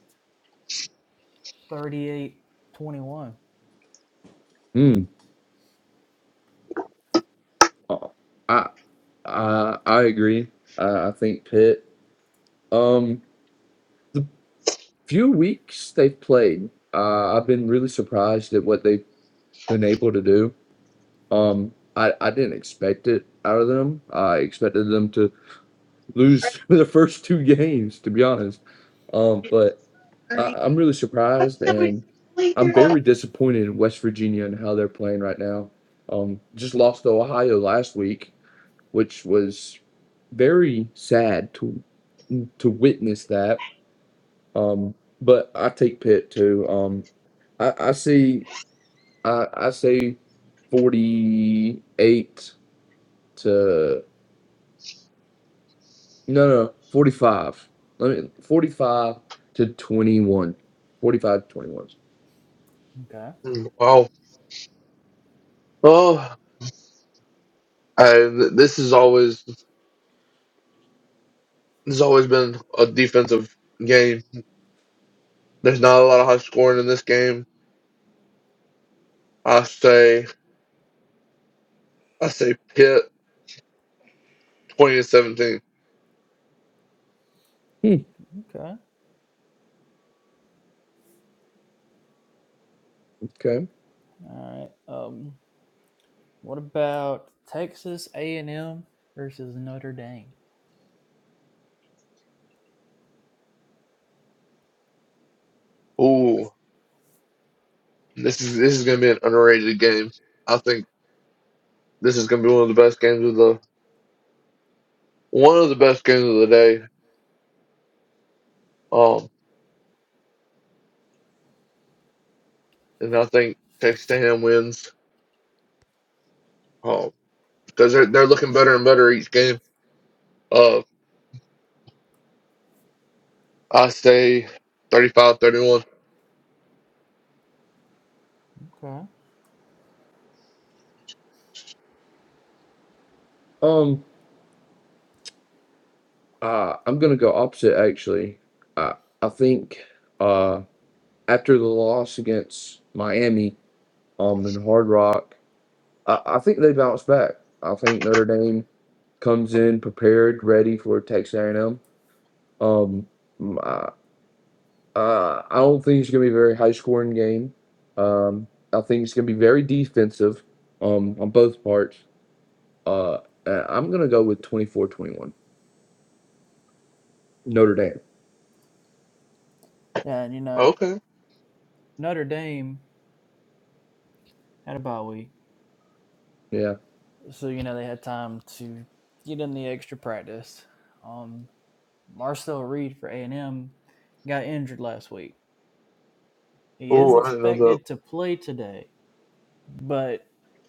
Speaker 3: thirty-eight twenty-one.
Speaker 2: Mm. Uh, I I I agree. I, I think Pitt. Um. The few weeks they've played, uh, I've been really surprised at what they've been able to do. Um, I, I didn't expect it out of them. I expected them to lose [LAUGHS] the first two games, to be honest. Um, but I, I'm really surprised, and I'm very disappointed in West Virginia and how they're playing right now. Um, just lost to Ohio last week, which was very sad to to witness that. Um, but I take Pitt too. Um, I, I see. I I say forty eight to no no forty five. Let me forty five to twenty one. Forty five to twenty one.
Speaker 3: Okay.
Speaker 1: hmm, Wow. Oh. And this is always this has always been a defensive game. There's not a lot of high scoring in this game. I say I say Pitt twenty to seventeen.
Speaker 2: Hmm.
Speaker 3: Okay.
Speaker 2: Okay.
Speaker 3: All right. Um, What about Texas A and M versus Notre Dame?
Speaker 1: Ooh. This is this is gonna be an underrated game. I think this is gonna be one of the best games of the one of the best games of the day. Um, and I think Texas A&M wins. Um, because they're they're looking better and better each game. Uh, I say thirty-five, thirty-one.
Speaker 3: Okay.
Speaker 2: Um. Uh. I'm gonna go opposite actually. I I think. Uh. After the loss against Miami. Um. In Hard Rock. I I think they bounce back. I think Notre Dame comes in prepared, ready for Texas A&M. Um. Uh, I don't think it's going to be a very high scoring game. Um, I think it's going to be very defensive um, on both parts. Uh, and I'm going to go with twenty-four, twenty-one. Notre Dame.
Speaker 3: Yeah, and you know
Speaker 1: Okay.
Speaker 3: Notre Dame had a bye week,
Speaker 2: Yeah.
Speaker 3: so you know they had time to get in the extra practice. Um, Marcel Reed for A and M got injured last week. He is
Speaker 1: Ooh, I didn't know that.
Speaker 3: expected to play today, but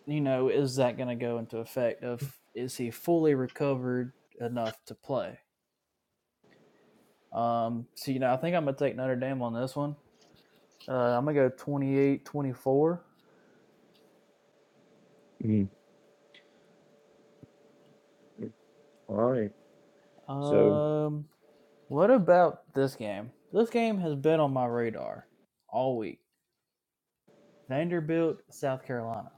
Speaker 3: you know is that going to go into effect? Of is he fully recovered enough to play? Um, so you know I think I'm gonna take Notre Dame on this one. Uh, I'm gonna go 28 24.
Speaker 2: Mm. All right. So,
Speaker 3: Um, what about this game? This game has been on my radar all week. Vanderbilt, South Carolina.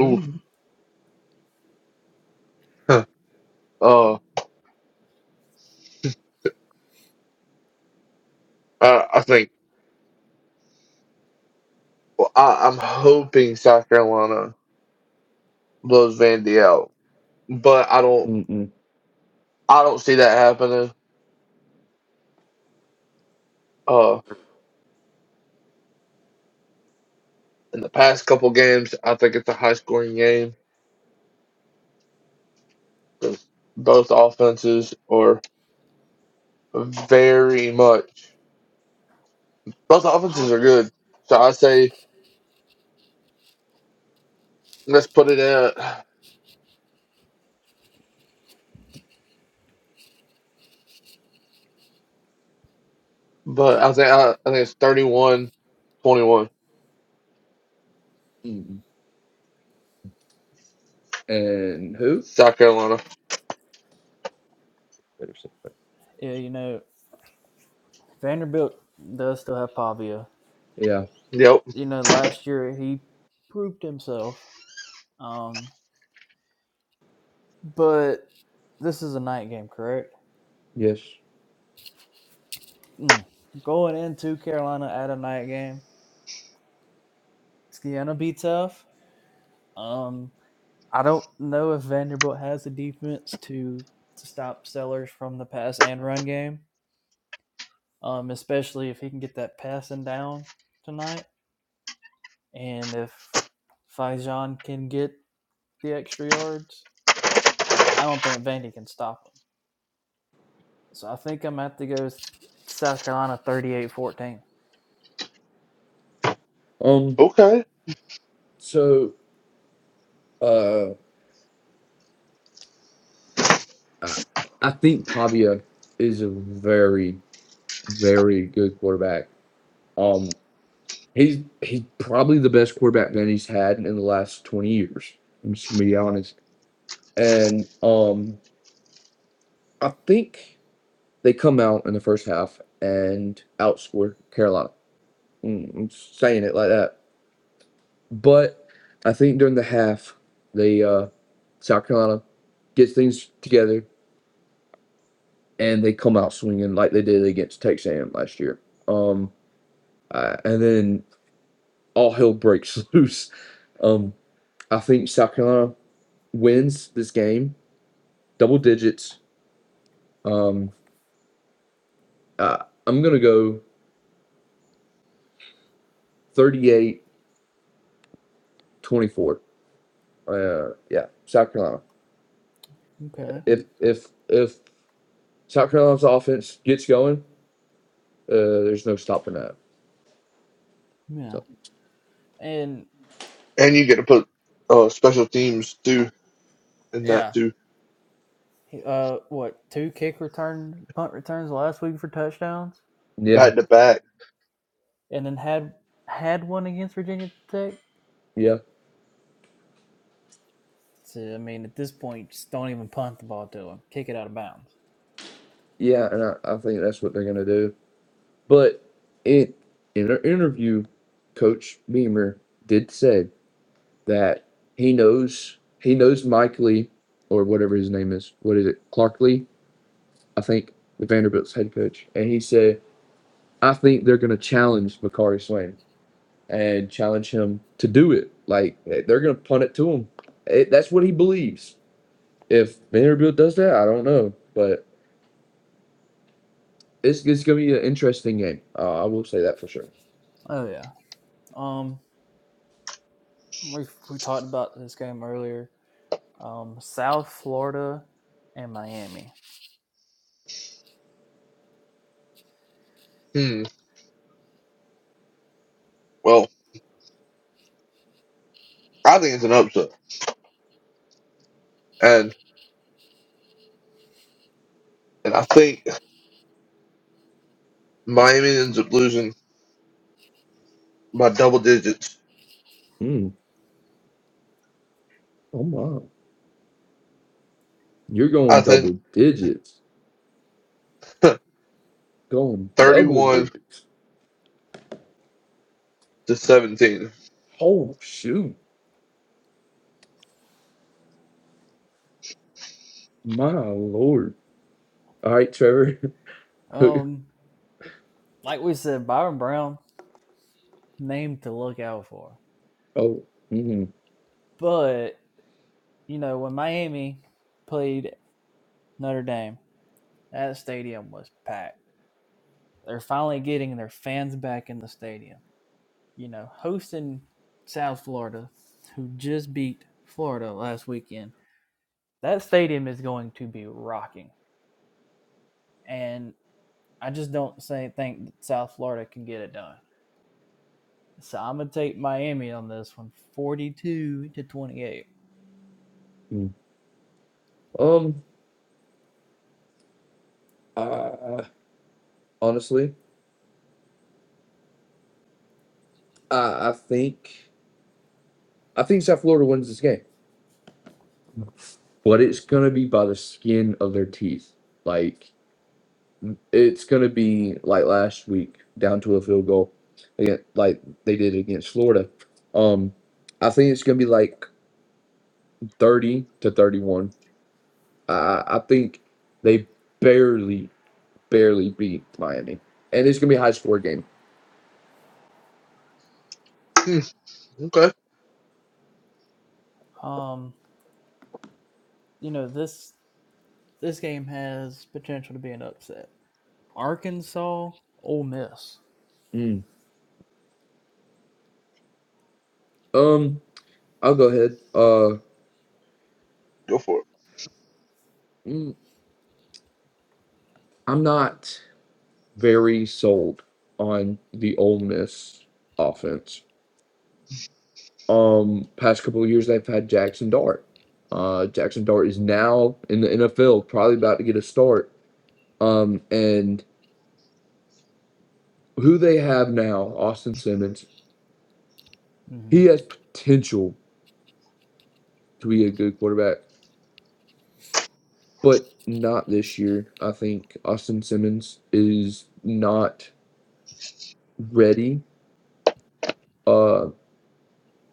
Speaker 1: Ooh. Huh. Uh, I, I think well, I, I'm hoping South Carolina blows Vandy out, but I don't
Speaker 2: Mm-mm.
Speaker 1: I don't see that happening. Uh, in the past couple games, I think it's a high scoring game. 'cause both offenses are very much both offenses are good. So I say let's put it at but I think I, I think it's 31, 21.
Speaker 2: Mm-mm. And who?
Speaker 1: South Carolina.
Speaker 2: Better say that.
Speaker 3: Yeah, you know, Vanderbilt does still have Pavia.
Speaker 2: Yeah.
Speaker 1: Yep.
Speaker 3: You know, last year he proved himself. Um, but this is a night game, correct?
Speaker 2: Yes.
Speaker 3: Mm. Going into Carolina at a night game, it's gonna be tough. Um, I don't know if Vanderbilt has the defense to, to stop Sellers from the pass and run game, um, especially if he can get that passing down tonight, and if Fajon can get the extra yards. I don't think Vandy can stop him. So I think I'm going to have to go South Carolina thirty-eight fourteen.
Speaker 2: Um.
Speaker 1: Okay.
Speaker 2: So, uh, I, I think Pavia is a very, very good quarterback. Um, He's he's probably the best quarterback that he's had in the last twenty years. I'm just gonna be honest. And um, I think they come out in the first half and outscore Carolina. Mm, I'm saying it like that, but I think during the half, they uh, South Carolina gets things together and they come out swinging like they did against Texas A&M last year. Um, uh, and then all hell breaks [LAUGHS] loose. Um, I think South Carolina wins this game, double digits. Um, uh, I'm gonna go 38 24. Uh, yeah, South Carolina.
Speaker 3: Okay.
Speaker 2: If if if South Carolina's offense gets going, uh, there's no stopping that.
Speaker 3: Yeah.
Speaker 2: So
Speaker 3: And
Speaker 1: And you get to put uh special teams too in that
Speaker 3: yeah,
Speaker 1: too
Speaker 3: uh, what two kick return punt returns last week for touchdowns,
Speaker 2: yeah,
Speaker 1: back to back.
Speaker 3: and then had had one against Virginia Tech.
Speaker 2: yeah,
Speaker 3: So, I mean, at this point, just don't even punt the ball to him. Kick it out of bounds.
Speaker 2: yeah, and I, I think that's what they're gonna do. But it in our interview, Coach Beamer did say that he knows he knows Mike Lee or whatever his name is. What is it, Clark Lee? I think the Vanderbilt's head coach, and he said, "I think they're going to challenge Makari Swain and challenge him to do it. Like eh, they're going to punt it to him. It, that's what he believes. If Vanderbilt does that, I don't know, but it's it's going to be an interesting game. Uh, I will say that for sure.
Speaker 3: Oh yeah. Um, we we talked about this game earlier. Um, South Florida and Miami.
Speaker 1: Hmm. Well, I think it's an upset. And and I think Miami ends up losing by double digits.
Speaker 2: Mm. Oh my, you're
Speaker 1: I
Speaker 2: going
Speaker 1: think
Speaker 2: double digits,
Speaker 1: [LAUGHS]
Speaker 2: going double
Speaker 1: 31
Speaker 2: digits.
Speaker 1: to 17.
Speaker 2: Oh shoot, my lord. All right, Trevor. [LAUGHS]
Speaker 3: Um, like we said, Byron Brown name to look out for.
Speaker 2: oh, mhm.
Speaker 3: But you know, when Miami played Notre Dame, that stadium was packed. They're finally getting their fans back in the stadium. You know, hosting South Florida, who just beat Florida last weekend. That stadium is going to be rocking, and I just don't say think that South Florida can get it done. So I'm gonna take Miami on this one, 42 to 28.
Speaker 2: mm Um, uh, honestly. I I think I think South Florida wins this game, but it's gonna be by the skin of their teeth. Like it's gonna be like last week, down to a field goal, again, like they did against Florida. Um, I think it's gonna be like thirty to thirty-one. I I think they barely barely beat Miami, and it's gonna be a high score game.
Speaker 1: Hmm. Okay.
Speaker 3: Um, you know this this game has potential to be an upset. Arkansas, Ole Miss.
Speaker 2: Mm. Um, I'll go ahead. Uh,
Speaker 1: Go for it.
Speaker 2: mm, I'm not. very sold on the Ole Miss offense. Um, past couple of years, they've had Jackson Dart. Uh, Jackson Dart is now in the NFL, probably about to get a start. Um, and who they have now, Austin Simmons,
Speaker 3: Mm-hmm.
Speaker 2: he has potential to be a good quarterback, but not this year. I think Austin Simmons is not ready. Um,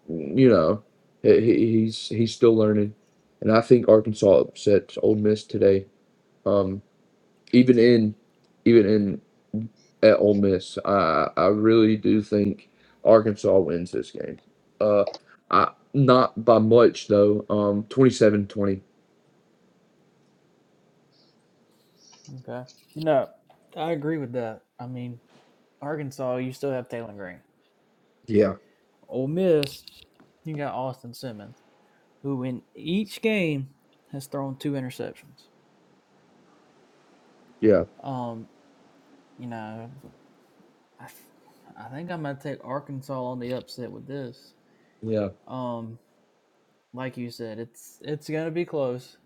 Speaker 2: you know, he, he's he's still learning, and I think Arkansas upsets Ole Miss today. Um, even in even in at Ole Miss, I I really do think Arkansas wins this game. Uh, I not by much though. Um, twenty-seven twenty.
Speaker 3: Okay. You know, I agree with that. I mean, Arkansas, you still have Taylor Green.
Speaker 2: Yeah,
Speaker 3: Ole Miss, you got Austin Simmons, who in each game has thrown two interceptions.
Speaker 2: yeah,
Speaker 3: Um, you know, I I think I'm gonna take Arkansas on the upset with this.
Speaker 2: yeah.
Speaker 3: Um, like you said, it's it's gonna be close.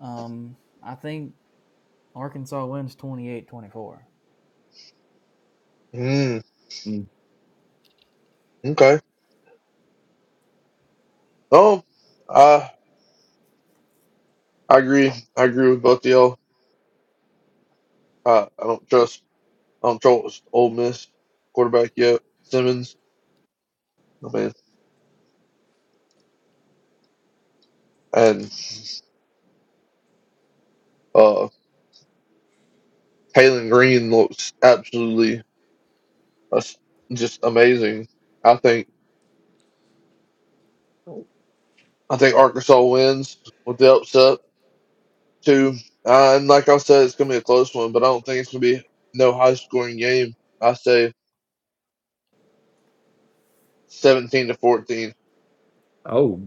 Speaker 3: Um, I think Arkansas wins twenty eight twenty four.
Speaker 1: Mm,
Speaker 2: Mm.
Speaker 1: okay. Oh, uh, I agree. I agree with both of y'all. Uh, I don't trust. I don't trust Ole Miss quarterback yet. Simmons, I mean, and uh, Taylon Green looks absolutely uh, just amazing. I think. I think Arkansas wins with the upset too. Uh, and like I said, it's gonna be a close one, but I don't think it's gonna be no high scoring game. I say seventeen to fourteen.
Speaker 2: Oh,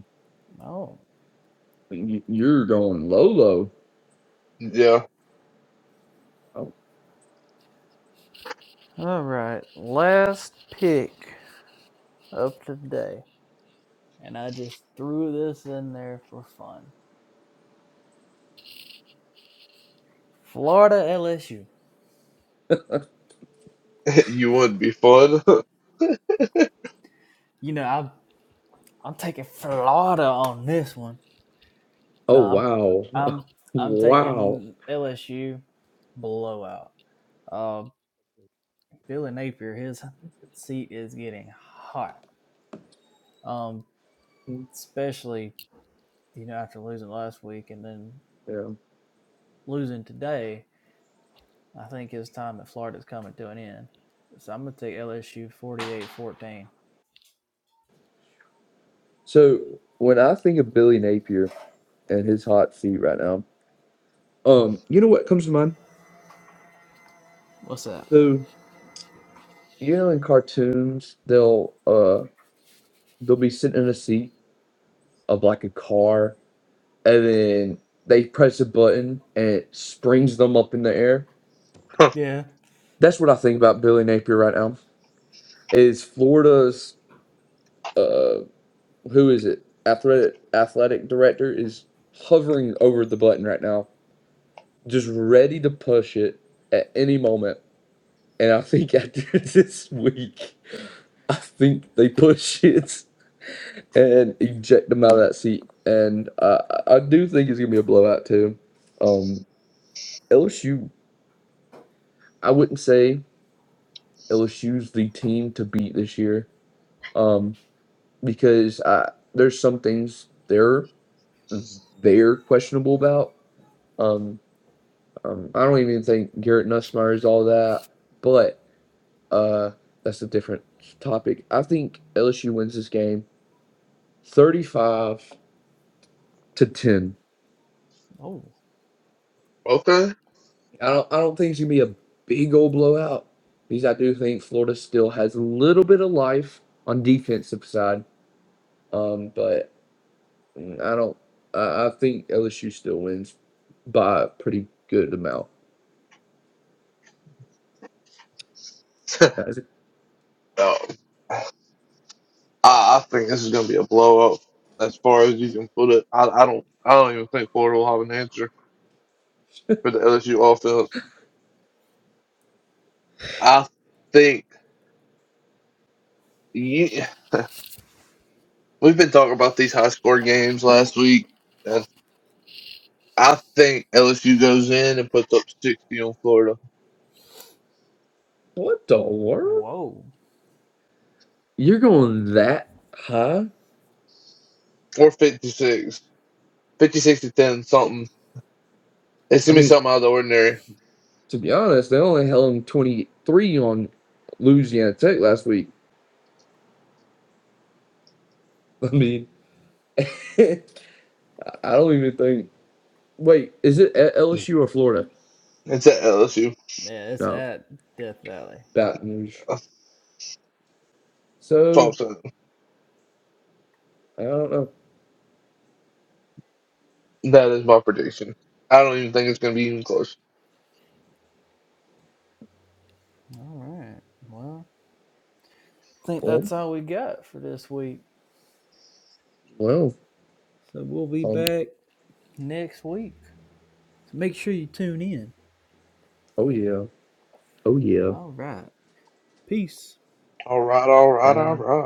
Speaker 3: Oh,
Speaker 2: y- you're going low, low.
Speaker 1: Yeah,
Speaker 2: Oh,
Speaker 3: all right. Last pick of today. and I just threw this in there for fun. Florida LSU.
Speaker 1: [LAUGHS] you would be fun.
Speaker 3: You know, I'm I'm taking Florida on this one.
Speaker 2: oh
Speaker 3: No, I'm
Speaker 2: wow,
Speaker 3: I'm
Speaker 2: [LAUGHS]
Speaker 3: I'm
Speaker 2: wow.
Speaker 3: taking LSU blowout. Uh, Billy Napier, his seat is getting hot. Um, especially you know after losing last week and then
Speaker 2: Yeah.
Speaker 3: losing today, I think his time at Florida is coming to an end. So I'm gonna take LSU 48-14.
Speaker 2: So when I think of Billy Napier. and his hot seat right now. Um, you know what comes to mind?
Speaker 3: What's that?
Speaker 2: So you know, in cartoons, they'll uh they'll be sitting in a seat of like a car, and then they press a button and it springs them up in the air.
Speaker 1: [LAUGHS]
Speaker 3: Yeah.
Speaker 2: That's what I think about Billy Napier right now. Is Florida's uh who is it? Athletic athletic director is hovering over the button right now, just ready to push it at any moment. And I think after [LAUGHS] this week. I think they push it and eject them out of that seat. And I, I do think it's gonna be a blowout too. Um, LSU, I wouldn't say LSU's the team to beat this year. Um, because I, there's some things they're they're questionable about. Um, um, I don't even think Garrett Nussmeyer is all that, but uh, that's a different topic. I think LSU wins this game, thirty-five to ten.
Speaker 3: Oh,
Speaker 1: okay.
Speaker 2: I don't I don't think it's gonna be a big old blowout because I do think Florida still has a little bit of life on defensive side. Um, but mm, I don't. I, I think LSU still wins by a pretty good amount. I was like,
Speaker 1: So I, I think this is gonna be a blowout as far as you can put it. I, I don't I don't even think Florida will have an answer for the LSU offense. I think you, [LAUGHS] we've been talking about these high score games last week, and I think LSU goes in and puts up sixty on Florida
Speaker 2: What the world?
Speaker 3: Whoa.
Speaker 2: You're going that high?
Speaker 1: or 56, 56 to ten something. It's
Speaker 2: I
Speaker 1: gonna be
Speaker 2: mean,
Speaker 1: something out of the ordinary.
Speaker 2: to be honest, they only held them 23 on Louisiana Tech last week. [LAUGHS] I mean, [LAUGHS] I don't even think. Wait, is it at LSU or Florida?
Speaker 1: It's at LSU.
Speaker 3: Yeah, it's
Speaker 2: No,
Speaker 3: at Death Valley.
Speaker 2: Baton Rouge.
Speaker 1: That's all
Speaker 2: So
Speaker 1: I'm saying.
Speaker 2: I don't know.
Speaker 1: That is my prediction. I don't even think it's gonna be even close.
Speaker 3: All right. Well, I think
Speaker 2: Well,
Speaker 3: that's all we got for this week.
Speaker 2: well,
Speaker 3: So we'll be
Speaker 2: um,
Speaker 3: back next week. So make sure you tune in.
Speaker 2: oh yeah, oh yeah.
Speaker 3: All right. Peace.
Speaker 1: All right, all right,
Speaker 2: Bye.
Speaker 1: all right.